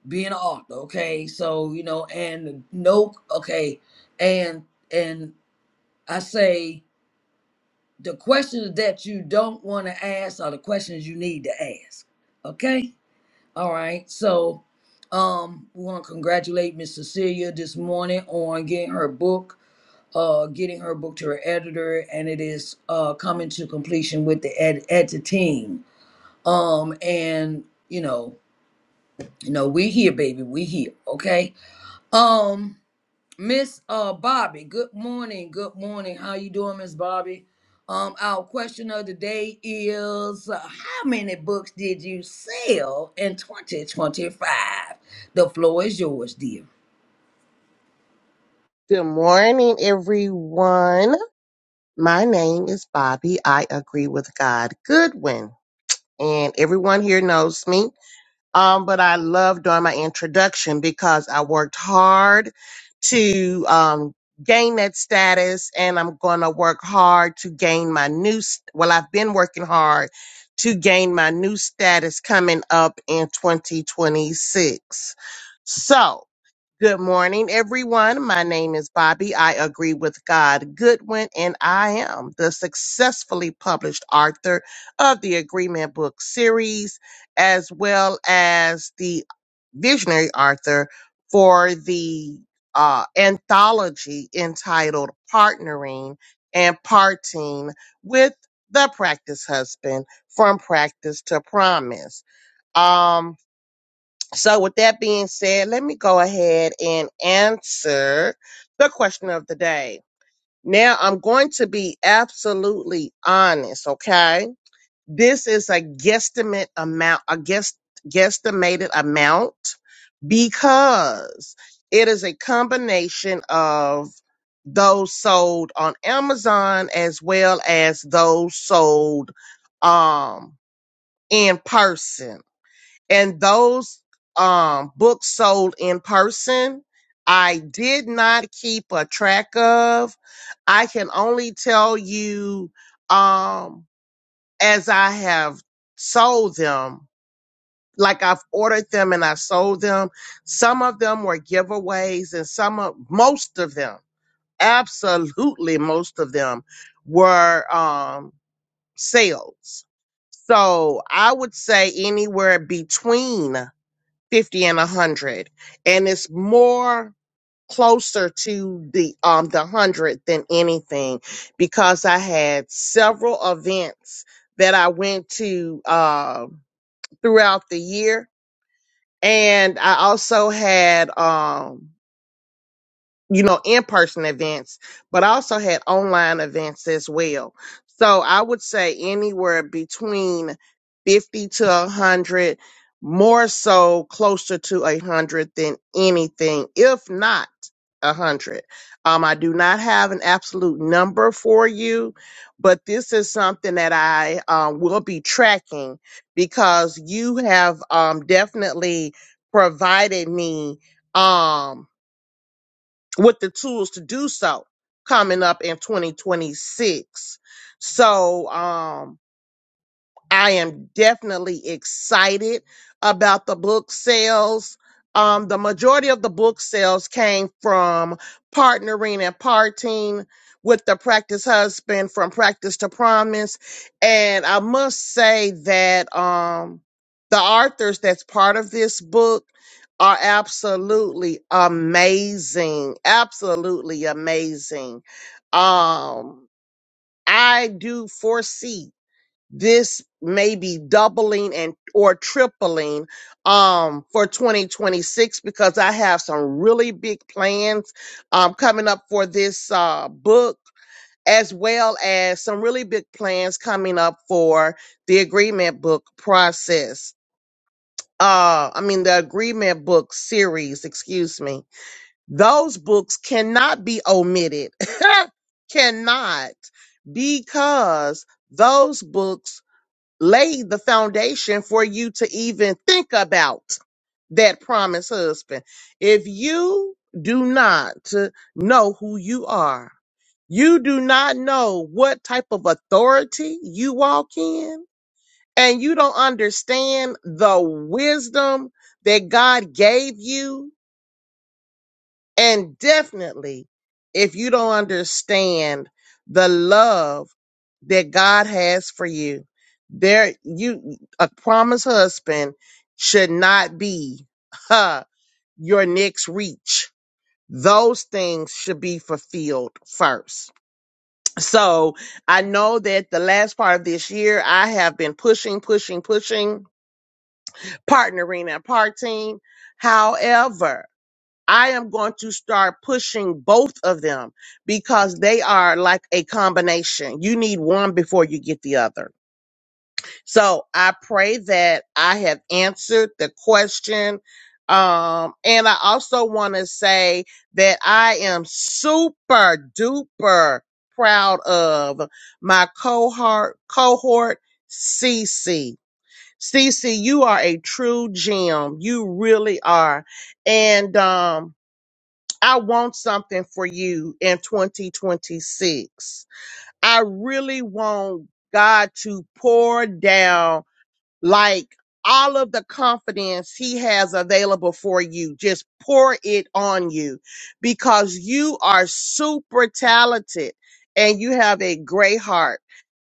A: being an author, okay? So, you know, and no, okay. And, and I say the questions that you don't want to ask are the questions you need to ask, okay? All right. So, um, we want to congratulate Miss Cecilia this morning on getting her book uh, getting her book to her editor, and it is uh, coming to completion with the ed edit team. Um, and you know, you know, we here, baby, we here, okay? Um, Miss uh Bobby, good morning, good morning. How you doing, Miss Bobby? Um, our question of the day is uh, how many books did you sell in 2025? The floor is yours, dear.
F: Good morning, everyone. My name is Bobby. I agree with God Goodwin, and everyone here knows me. Um, but I love doing my introduction because I worked hard to um, gain that status, and I'm going to work hard to gain my new. s- Well, I've been working hard to gain my new status coming up in 2026. So. Good morning, everyone. My name is Bobby. I agree with God Goodwin, and I am the successfully published author of the Agreement Book Series, as well as the visionary author for the uh, anthology entitled Partnering and Parting with the Practice Husband from Practice to Promise. Um, so, with that being said, let me go ahead and answer the question of the day. Now, I'm going to be absolutely honest, okay? This is a guesstimate amount, a guess, guesstimated amount because it is a combination of those sold on Amazon as well as those sold um in person and those um books sold in person i did not keep a track of i can only tell you um as i have sold them like i've ordered them and i sold them some of them were giveaways and some of most of them absolutely most of them were um sales so i would say anywhere between 50 and 100 and it's more closer to the um the 100 than anything because i had several events that i went to uh, throughout the year and i also had um you know, in-person events, but I also had online events as well. So I would say anywhere between 50 to 100, more so closer to 100 than anything, if not 100. Um, I do not have an absolute number for you, but this is something that I um, will be tracking because you have um, definitely provided me um with the tools to do so coming up in 2026. So, um, I am definitely excited about the book sales. Um, the majority of the book sales came from partnering and parting with the practice husband from practice to promise. And I must say that um, the authors that's part of this book are absolutely amazing. Absolutely amazing. Um, I do foresee this may be doubling and or tripling um for 2026 because I have some really big plans um coming up for this uh book as well as some really big plans coming up for the agreement book process. Uh I mean the agreement book series, excuse me. Those books cannot be omitted. cannot because those books laid the foundation for you to even think about that promised husband. If you do not know who you are, you do not know what type of authority you walk in, and you don't understand the wisdom that God gave you and definitely, if you don't understand the love that God has for you, there you a promised husband should not be huh, your next reach. Those things should be fulfilled first. So I know that the last part of this year, I have been pushing, pushing, pushing, partnering and parting. However, I am going to start pushing both of them because they are like a combination. You need one before you get the other. So I pray that I have answered the question. Um, and I also want to say that I am super duper proud of my cohort, cohort CC. CC, you are a true gem. You really are. And, um, I want something for you in 2026. I really want God to pour down like all of the confidence he has available for you. Just pour it on you because you are super talented and you have a great heart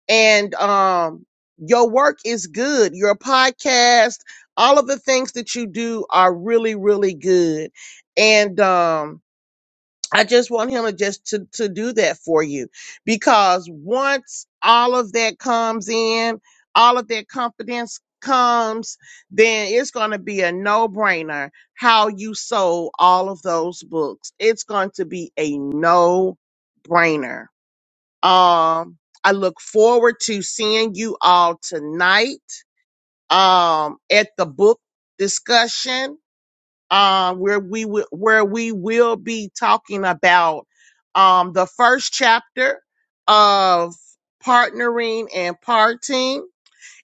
F: and um your work is good your podcast all of the things that you do are really really good and um I just want him to just to, to do that for you because once all of that comes in, all of that confidence comes, then it's going to be a no brainer how you sold all of those books. It's going to be a no brainer. Um, I look forward to seeing you all tonight, um, at the book discussion uh, where we will where we will be talking about um, the first chapter of partnering and parting.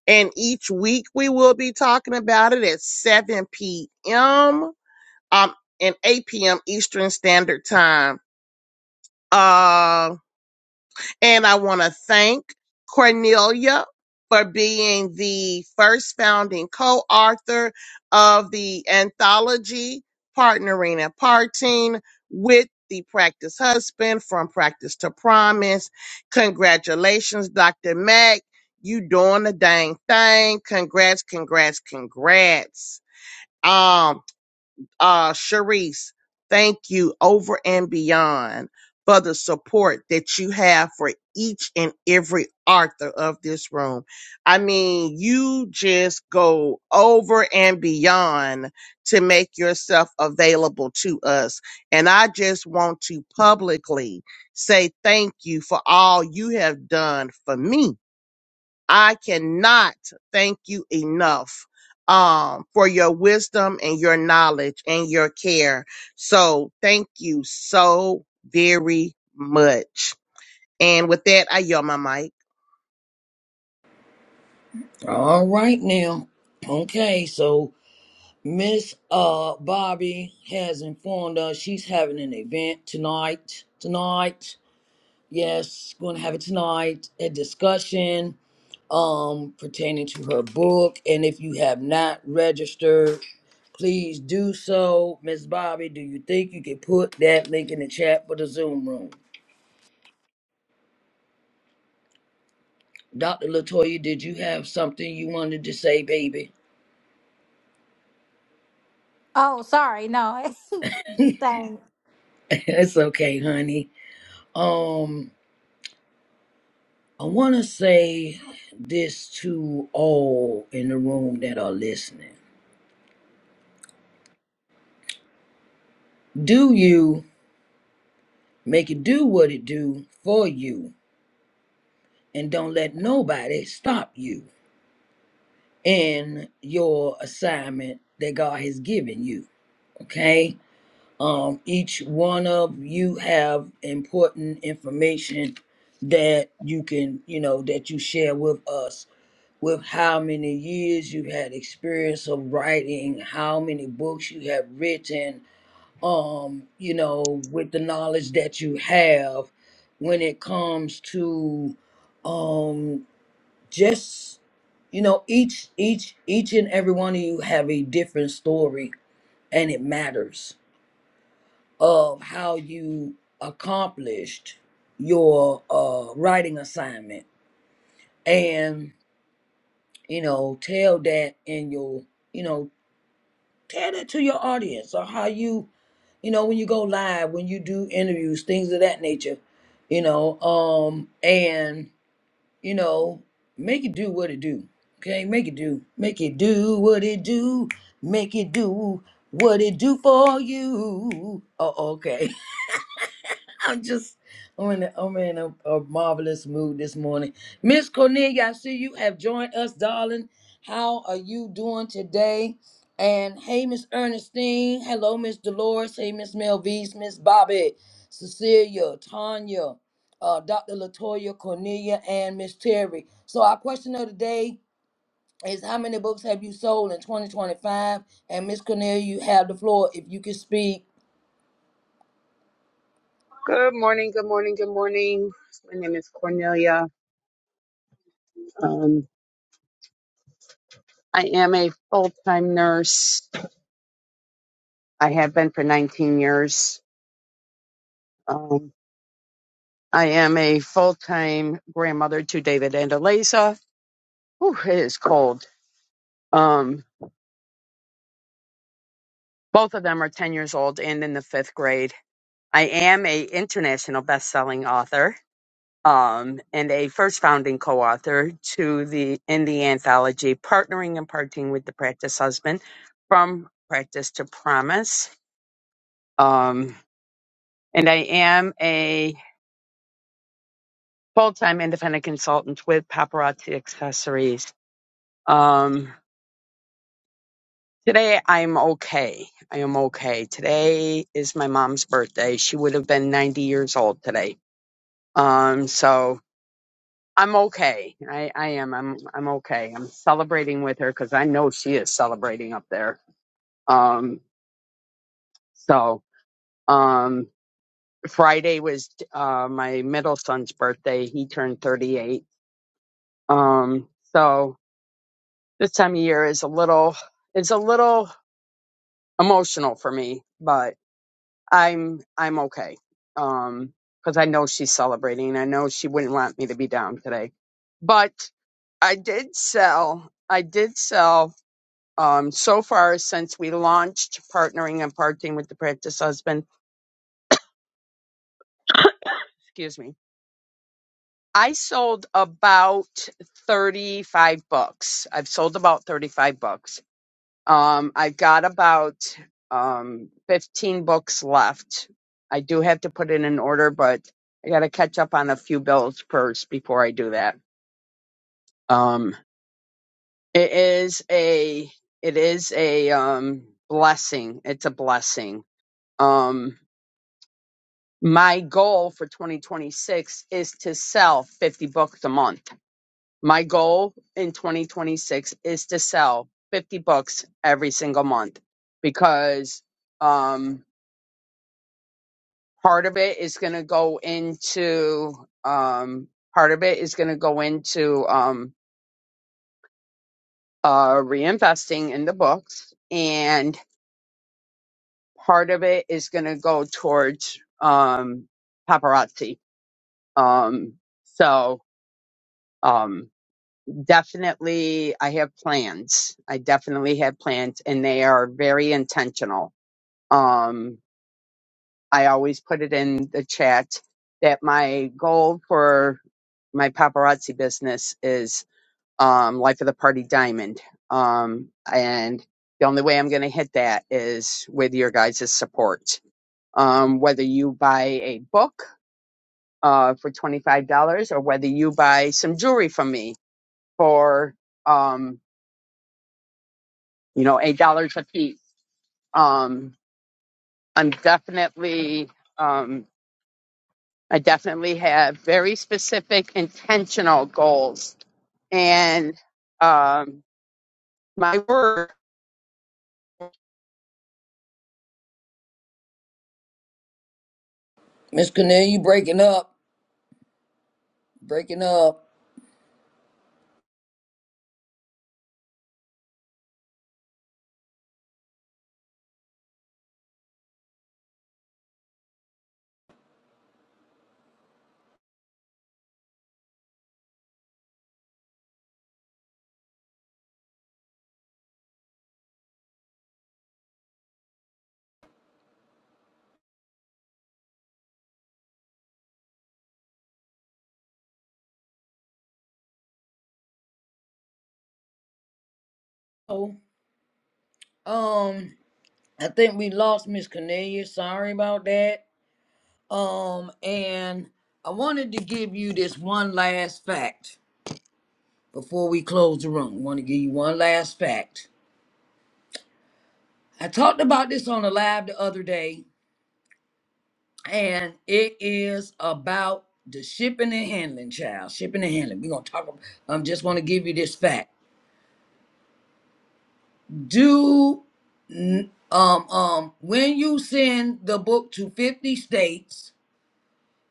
F: And each week we will be talking about it at 7 p.m. Um, and 8 p.m. Eastern Standard Time. Um, and I want to thank Cornelia for being the first founding co author of the anthology, Partnering and Parting with the Practice Husband from Practice to Promise. Congratulations, Dr. Mack. You doing the dang thing. Congrats, congrats, congrats. Um uh, Sharice, thank you over and beyond for the support that you have for each and every author of this room. I mean, you just go over and beyond to make yourself available to us. And I just want to publicly say thank you for all you have done for me I cannot thank you enough um, for your wisdom and your knowledge and your care. So thank you so very much. And with that, I yell my mic.
A: All right now. Okay, so Miss uh Bobby has informed us she's having an event tonight. Tonight, yes, going to have it tonight. A discussion um pertaining to her book, and if you have not registered, please do so. Miss Bobby, do you think you could put that link in the chat for the Zoom room? Dr. Latoya, did you have something you wanted to say, baby?
D: Oh, sorry, no. the same.
A: it's okay, honey. Um. I want to say this to all in the room that are listening. Do you make it do what it do for you and don't let nobody stop you in your assignment that God has given you, okay? Um each one of you have important information that you can, you know, that you share with us with how many years you had experience of writing, how many books you have written, um, you know, with the knowledge that you have when it comes to um just you know each each each and every one of you have a different story and it matters of how you accomplished your uh writing assignment and you know tell that in your you know tell that to your audience or how you you know when you go live when you do interviews things of that nature you know um and you know make it do what it do okay make it do make it do what it do make it do what it do for you oh okay I'm just I'm in, a, I'm in a, a marvelous mood this morning. Miss Cornelia, I see you have joined us, darling. How are you doing today? And hey, Miss Ernestine. Hello, Miss Dolores. Hey, Miss Melvise, Miss Bobby, Cecilia, Tanya, uh, Dr. Latoya, Cornelia, and Miss Terry. So our question of the day is how many books have you sold in 2025? And Miss Cornelia, you have the floor. If you can speak,
G: Good morning, good morning, good morning. My name is Cornelia. Um, I am a full time nurse. I have been for 19 years. Um, I am a full time grandmother to David and Eliza. Whew, it is cold. Um, both of them are 10 years old and in the fifth grade. I am a international best selling author. um, and a first founding co-author to the in the anthology partnering and parting with the practice husband from practice to promise um, and i am a full-time independent consultant with paparazzi accessories um, today i'm okay i am okay today is my mom's birthday she would have been 90 years old today um, so I'm okay. I, I am. I'm I'm okay. I'm celebrating with her because I know she is celebrating up there. Um. So um. Friday was uh my middle son's birthday. He turned 38. Um. So this time of year is a little is a little emotional for me, but I'm I'm okay. Um. Because I know she's celebrating. I know she wouldn't want me to be down today, but I did sell. I did sell um, so far since we launched partnering and parting with the practice husband, excuse me, I sold about 35 books. I've sold about 35 books. Um, I've got about um, 15 books left. I do have to put it in order, but I got to catch up on a few bills first before I do that. Um, it is a, it is a um, blessing. It's a blessing. Um, my goal for 2026 is to sell 50 books a month. My goal in 2026 is to sell 50 books every single month because um, part of it is going to go into um, part of it is going to go into um, uh, reinvesting in the books, and part of it is going to go towards um, paparazzi. Um, so. Um, definitely I have plans. I definitely have plans and they are very intentional. Um I always put it in the chat that my goal for my paparazzi business is um life of the party diamond. Um and the only way I'm going to hit that is with your guys' support. Um whether you buy a book uh for $25 or whether you buy some jewelry from me for um, you know, eight dollars a piece. Um, I'm definitely, um, I definitely have very specific, intentional goals, and um, my word,
A: Miss Cornelia, you breaking up, breaking up. Oh, um, I think we lost Miss Cornelia. Sorry about that. Um, and I wanted to give you this one last fact before we close the room. I want to give you one last fact. I talked about this on the live the other day, and it is about the shipping and handling, child. Shipping and handling. We're gonna talk. About, I'm just want to give you this fact. Do n- um um when you send the book to 50 states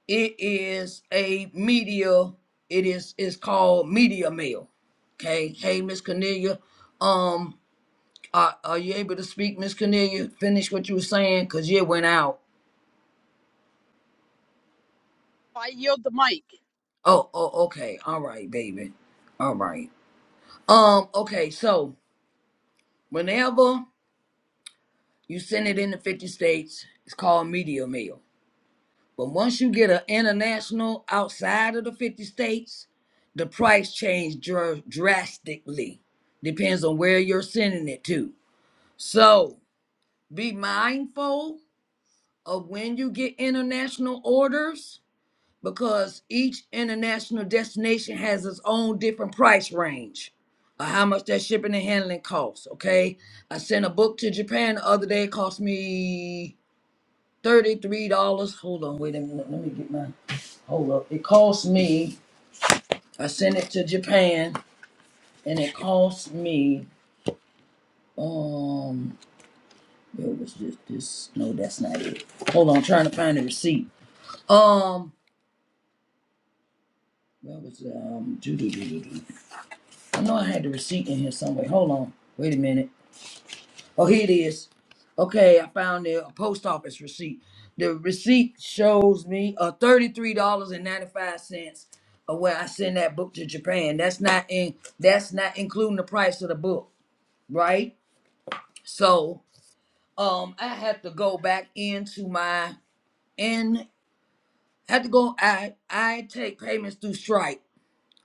A: It is a media. It is it's called media mail. Okay. Hey, Miss Cornelia. Um, are, are you able to speak, Miss Cornelia? Finish what you were saying, cause you went out.
G: I yield the mic.
A: Oh, oh, okay. All right, baby. All right. Um, okay. So whenever you send it in the fifty states, it's called media mail. But once you get an international outside of the 50 states, the price change dr- drastically. Depends on where you're sending it to. So be mindful of when you get international orders because each international destination has its own different price range of how much that shipping and handling costs. Okay. I sent a book to Japan the other day. It cost me thirty-three dollars. Hold on, wait a minute. Let me get my hold up. It cost me. I sent it to Japan, and it cost me. Um, where was this? This no, that's not it. Hold on, I'm trying to find the receipt. Um, where was um? doo-doo-doo-doo-doo. I know I had the receipt in here somewhere. Hold on. Wait a minute. Oh, here it is. Okay, I found the uh, post office receipt. The receipt shows me uh, $33.95 of where I send that book to Japan. That's not in that's not including the price of the book, right? So um I have to go back into my and have to go I I take payments through Stripe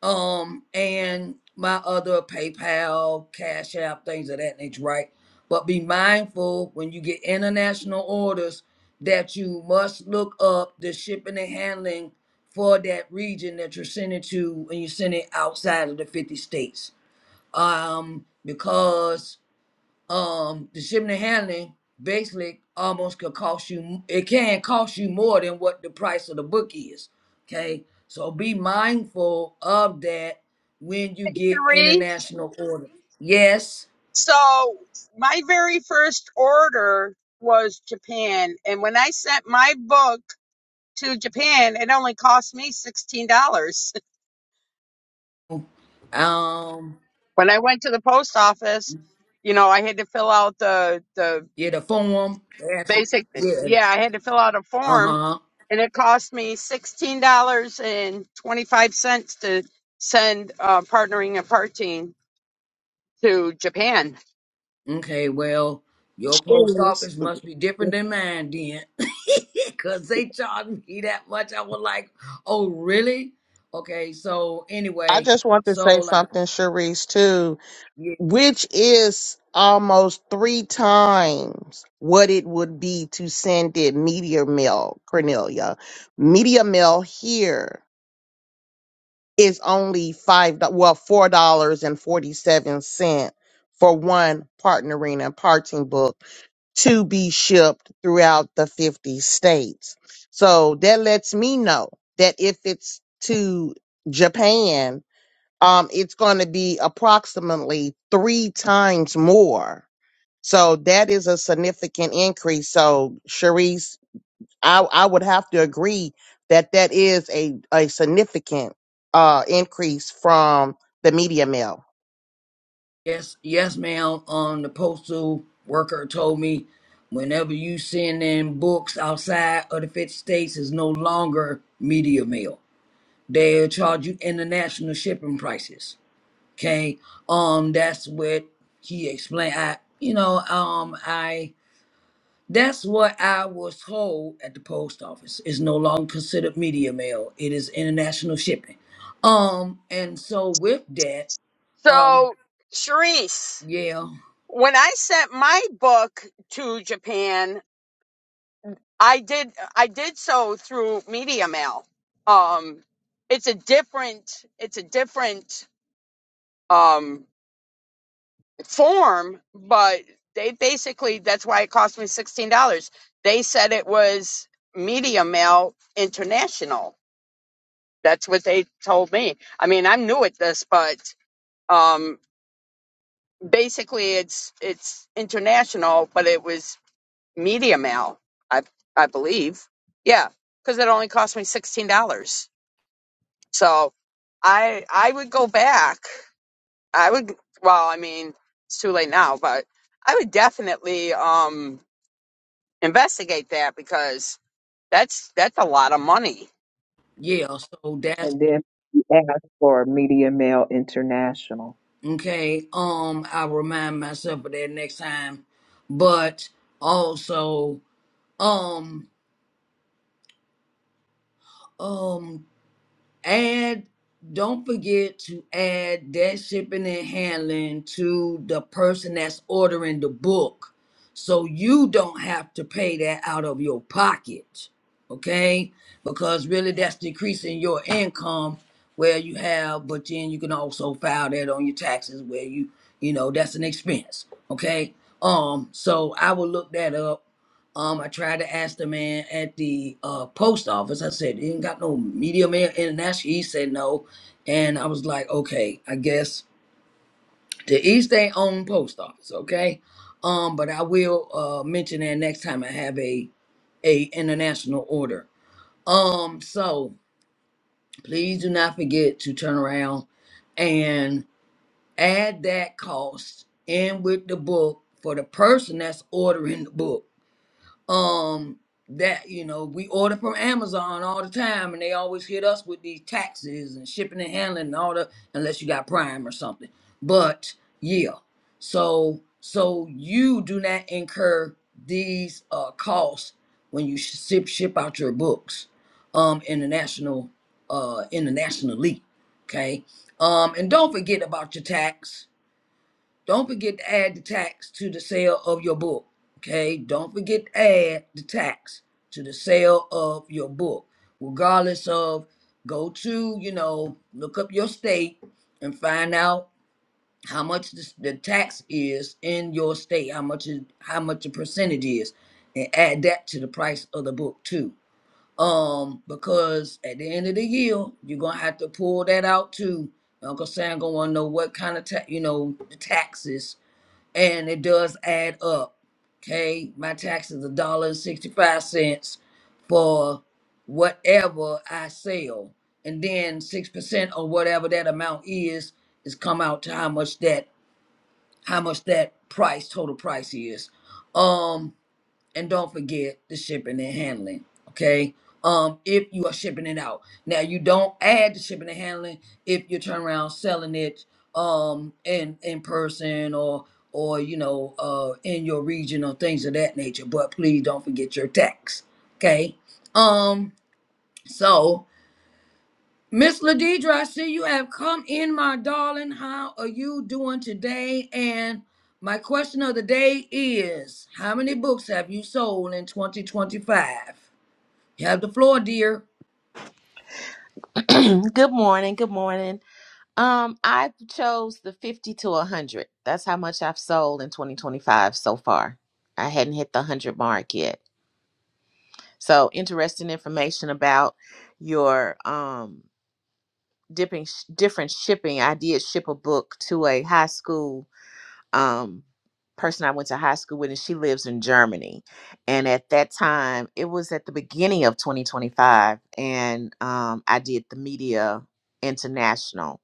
A: um and my other PayPal, Cash App, things of that nature, right? But be mindful when you get international orders that you must look up the shipping and handling for that region that you're sending to when you send it outside of the 50 states. Um, because um the shipping and handling basically almost could cost you it can cost you more than what the price of the book is okay so be mindful of that when you get
G: Three.
A: international orders yes
G: So my very first order was Japan, and when I sent my book to Japan, it only cost me sixteen dollars.
A: um
G: When I went to the post office, you know, I had to fill out the the
A: yeah the form they ask you-
G: basic
A: yeah
G: yeah i had to fill out a form
A: uh-huh
G: and it cost me $16.25 to send uh, partnering and parting to japan
A: Okay, well, your post
F: Yes.
A: office must be different than mine then. Cause they charged me that much. I was like, oh really? Okay, so
F: I
A: anyway,
F: just want to
A: so
F: say
A: like
F: something, Sharice, too,
A: yeah,
F: which is almost three times what it would be to send it media mail, Cornelia, media mail here is only five do- well four dollars and forty seven cent for one partnering and parting book to be shipped throughout the 50 states so that lets me know that if it's to japan um it's going to be approximately three times more so that is a significant increase so Sharice I I would have to agree that that is a a significant uh increase from the media mill.
A: yes, yes, ma'am. Um the postal worker told me whenever you send in books outside of the 50 states is no longer media mail. They'll charge you international shipping prices. Okay. Um that's what he explained. I you know, um I That's what I was told at the post office. It's no longer considered media mail. It is international shipping. Um, and so with that, um,
G: so Charisse,
A: yeah,
G: when i sent my book to japan i did i did so through media mail um it's a different it's a different um, form, but they basically that's why it cost me sixteen dollars. They said it was Media Mail International. That's what they told me. I mean, I'm new at this, but um, basically it's it's international, but it was Media Mail, I I believe. Yeah, because it only cost me sixteen dollars. So I I would go back. I would well, I mean, it's too late now, but I would definitely um investigate that because that's that's a lot of money.
A: yeah. So that's
B: And then you asked for Media Mail International.
A: okay. Um, I will remind myself of that next time. But also, um, um, add don't forget to add that shipping and handling to the person that's ordering the book so you don't have to pay that out of your pocket okay because really that's decreasing your income where you have but then you can also file that on your taxes where you you know that's an expense okay um so i will look that up um, I tried to ask the man at the uh, post office. I said, "You ain't got no Media Mail International." He said no, and I was like, "Okay, I guess to each their own post office." Okay, um, but I will uh, mention that next time I have a a international order. Um, so please do not forget to turn around and add that cost in with the book for the person that's ordering the book um that you know we order from amazon all the time and they always hit us with these taxes and shipping and handling and all the unless you got prime or something but yeah so so you do not incur these uh costs when you ship ship out your books um international uh internationally okay um and don't forget about your tax don't forget to add the tax to the sale of your book. Okay? Don't forget to add the tax to the sale of your book. Regardless of go to, you know, look up your state and find out how much the, the tax is in your state, how much is how much the percentage is, and add that to the price of the book too. Um, because at the end of the year, you're gonna have to pull that out too. Uncle Sam gonna wanna know what kind of tax, you know, the taxes and it does add up. Okay, my tax is a dollar and sixty-five cents for whatever I sell, and then six percent on whatever that amount is is come out to how much that how much that price total price is. Um, and don't forget the shipping and handling. Okay. Um, if you are shipping it out. Now you don't add the shipping and handling if you turn around selling it um in in person or or you know uh in your region or things of that nature. But please don't forget your tax. Okay. Um so Miss Ladidra, I see you have come in, my darling. How are you doing today? And my question of the day is How many books have you sold in 2025? You have the floor, dear.
H: good morning. Good morning. Um, I chose the 50 to 100. That's how much I've sold in 2025 so far. I hadn't hit the 100 mark yet. So, interesting information about your um dipping sh- different shipping. I did ship a book to a high school um person I went to high school with and she lives in Germany. And at that time, it was at the beginning of 2025 and um I did the media international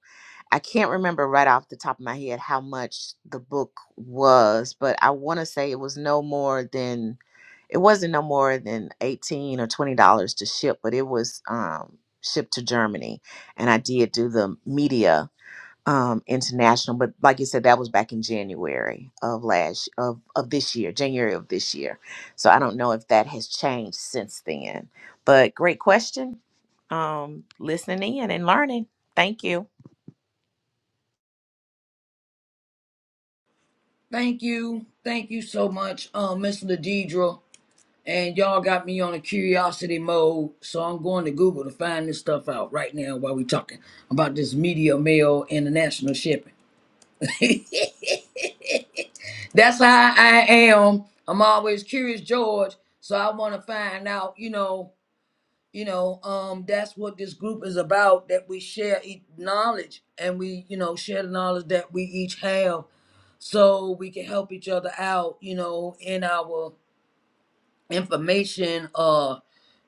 H: I can't remember right off the top of my head how much the book was, but I want to say it was no more than it wasn't no more than 18 or 20 dollars to ship, but it was um shipped to Germany and I did do the media um international, but like you said that was back in January of last of of this year, January of this year. So I don't know if that has changed since then. But great question. Um listening in and learning. Thank you.
A: Thank you. Thank you so much, um, Miss Ladidra. And y'all got me on a curiosity mode, so I'm going to Google to find this stuff out right now while we're talking about this media mail international shipping. that's how I am. I'm always curious, George. So I want to find out, you know, you know, um, that's what this group is about. That we share each knowledge and we, you know, share the knowledge that we each have, so we can help each other out, you know, in our information. Uh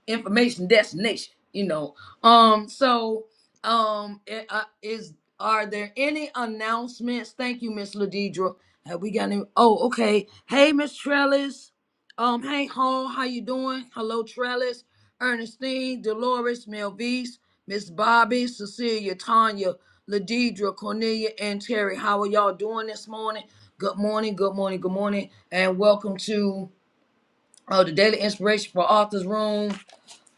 A: information destination you know um so um i- uh, is are there any announcements thank you miss ladidra have we got any oh okay hey miss trellis um hey hall how you doing hello trellis ernestine dolores melvise miss bobby cecilia tanya ladidra cornelia and terry how are y'all doing this morning good morning good morning good morning and welcome to uh, the daily inspiration for authors room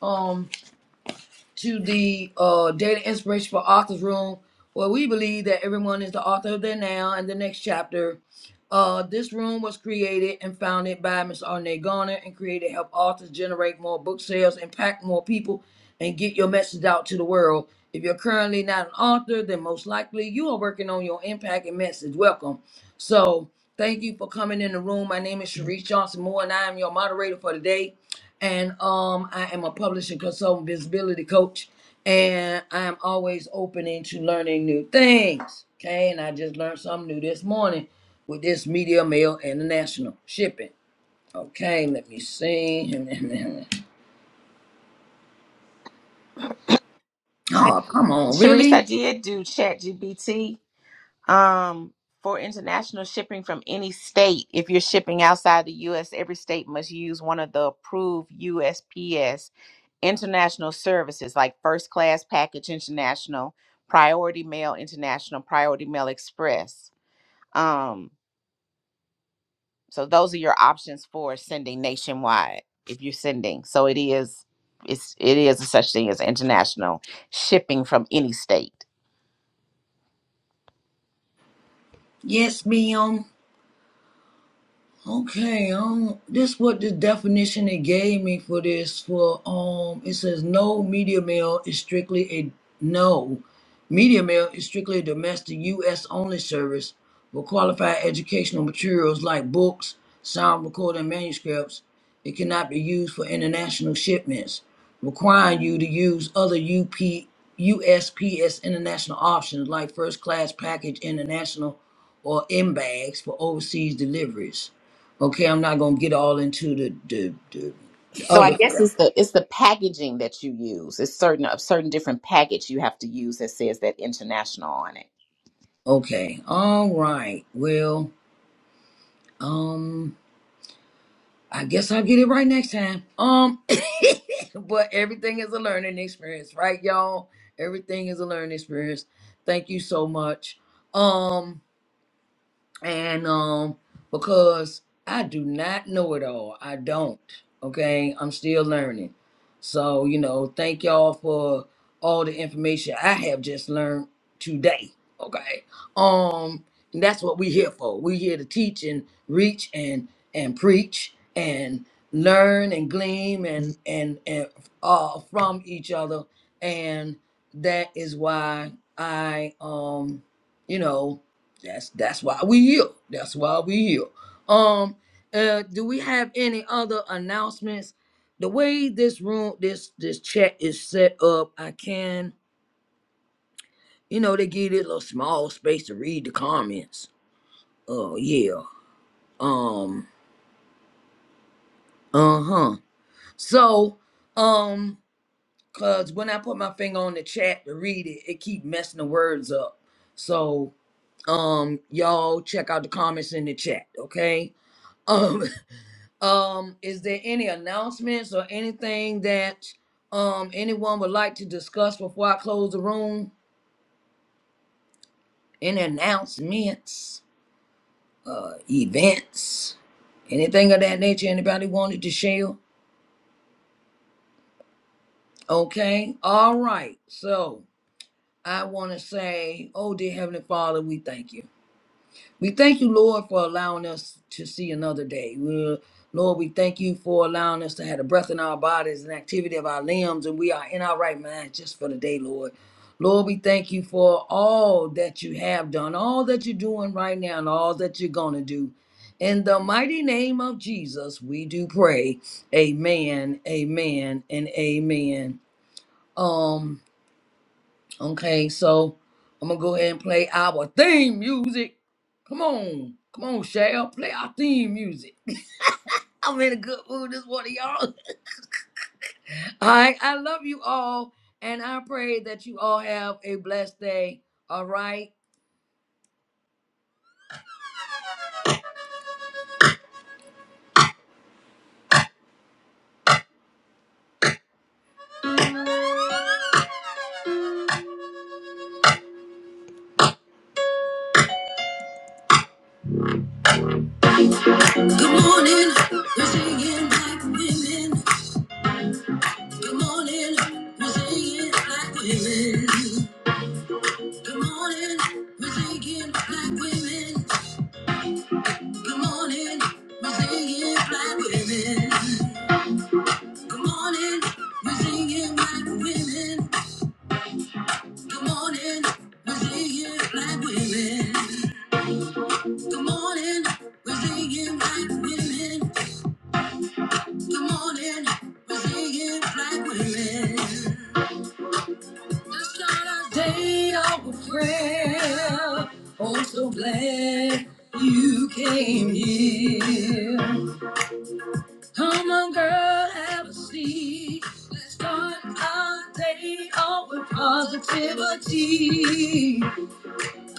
A: um to the uh, Daily Inspiration for Authors Room, where we believe that everyone is the author of their now and the next chapter. Uh, this room was created and founded by Ms. Arne Garner and created to help authors generate more book sales, impact more people, and get your message out to the world. If you're currently not an author, then most likely you are working on your impact and message. Welcome. So, thank you for coming in the room. My name is Sharice Johnson Moore, and I am your moderator for today and um, I am a publishing consultant, visibility coach, and I am always open into learning new things. Okay, and I just learned something new this morning with this Media Mail International shipping. Okay, let me see. Oh, come on,
H: Sharice, I
A: really?
H: did do ChatGPT um, for international shipping from any state. If you're shipping outside the U.S., every state must use one of the approved USPS international services like First Class Package International, Priority Mail International, Priority Mail Express. Um, so those are your options for sending nationwide if you're sending. So it is, it's it is a such thing as international shipping from any state.
A: Yes, ma'am. Okay, um, this what the definition it gave me for this for um it says no media mail is strictly a no. Media mail is strictly a domestic US only service for qualified educational materials like books, sound recording manuscripts. It cannot be used for international shipments, requiring you to use other UP USPS international options like first class package international or in bags for overseas deliveries. Okay, I'm not gonna get all into the the, the, the
H: So I
A: other
H: guess
A: stuff.
H: it's the it's the packaging that you use. It's certain a certain different package you have to use that says that international on it.
A: Okay, all right. Well, um, I guess I'll get it right next time. Um, but everything is a learning experience, right, y'all? Everything is a learning experience. Thank you so much. Um. and um because i do not know it all i don't okay i'm still learning so you know thank y'all for all the information i have just learned today okay um and that's what we're here for we're here to teach and reach and and preach and learn and gleam and and and uh, from each other and that is why i um you know that's that's why we here. That's why we here. Um, uh, do we have any other announcements? The way this room, this this chat is set up, I can, you know, they give it a small space to read the comments. Oh yeah. Um. Uh huh. So, um, cause when I put my finger on the chat to read it, it keep messing the words up. So, um, y'all check out the comments in the chat, okay? Um. Um, is there any announcements or anything that um anyone would like to discuss before I close the room? Any announcements, uh, events, anything of that nature? Anybody wanted to share? Okay, all right. So I want to say, oh dear Heavenly Father, we thank you. We thank you, Lord, for allowing us to see another day. We- Lord, we thank you for allowing us to have the breath in our bodies and activity of our limbs, and we are in our right mind just for the day, Lord. Lord, we thank you for all that you have done, all that you're doing right now, and all that you're going to do. In the mighty name of Jesus, we do pray. Amen, amen, and amen. Um, okay, so I'm gonna go ahead and play our theme music. Come on. Come on, Shell. Play our theme music. I'm in a good mood this morning, y'all. All right. I love you all. And I pray that you all have a blessed day. All right. Good morning. We're singing black women. Good morning. We're singing black women. Good morning. We're singing black women. Good morning. We're singing black women. Good morning. We're singing black women. Good morning, we're singing black women. Good morning, we're singing black women. Good morning, we're singing black women. Let's start our day off with prayer. Oh, so glad you came here. Come on, girl, have a seat. Let's start our day off with positivity.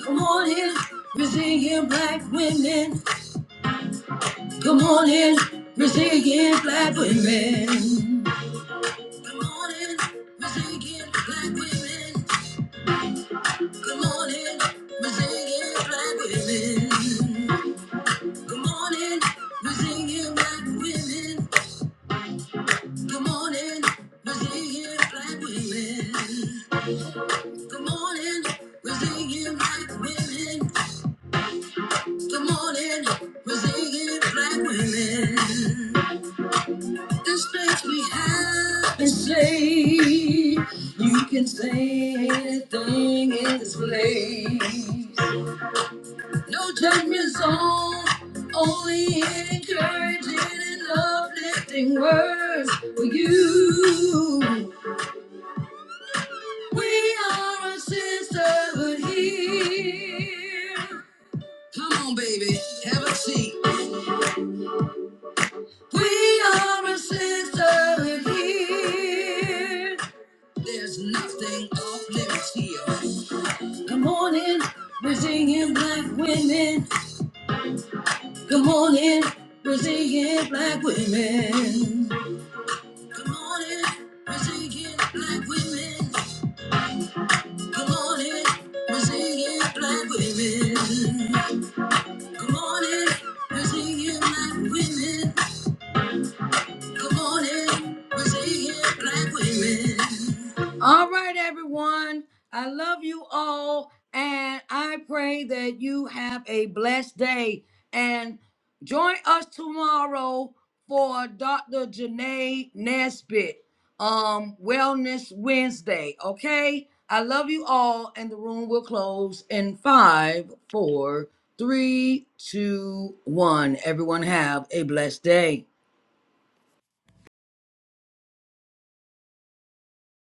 A: Come on in, resilient black women. Come on in, resilient black women. Come on in, resilient black women. Come on in, resilient black women. Come on in, resilient black women. Come on in, resilient black women. Come on in, resilient black women. Come on in, resilient black women. This makes me happy. Say you can say anything in this place. No judgment zone, only encouraging and uplifting words for you. We are a sisterhood here. Come on, baby, have a seat. We are a sisterhood here. There's nothing off limits here. Come on in, Brazilian black women. Come on in, Brazilian black women. Come on in, Brazilian black women. Come on in, Brazilian black women. Come on in, Brazilian black women. All right, everyone. I love you all, and I pray that you have a blessed day. And join us tomorrow for Dr. Janae Nesbitt, um, Wellness Wednesday. Okay. I love you all, and the room will close in five, four, three, two, one. Everyone have a blessed day.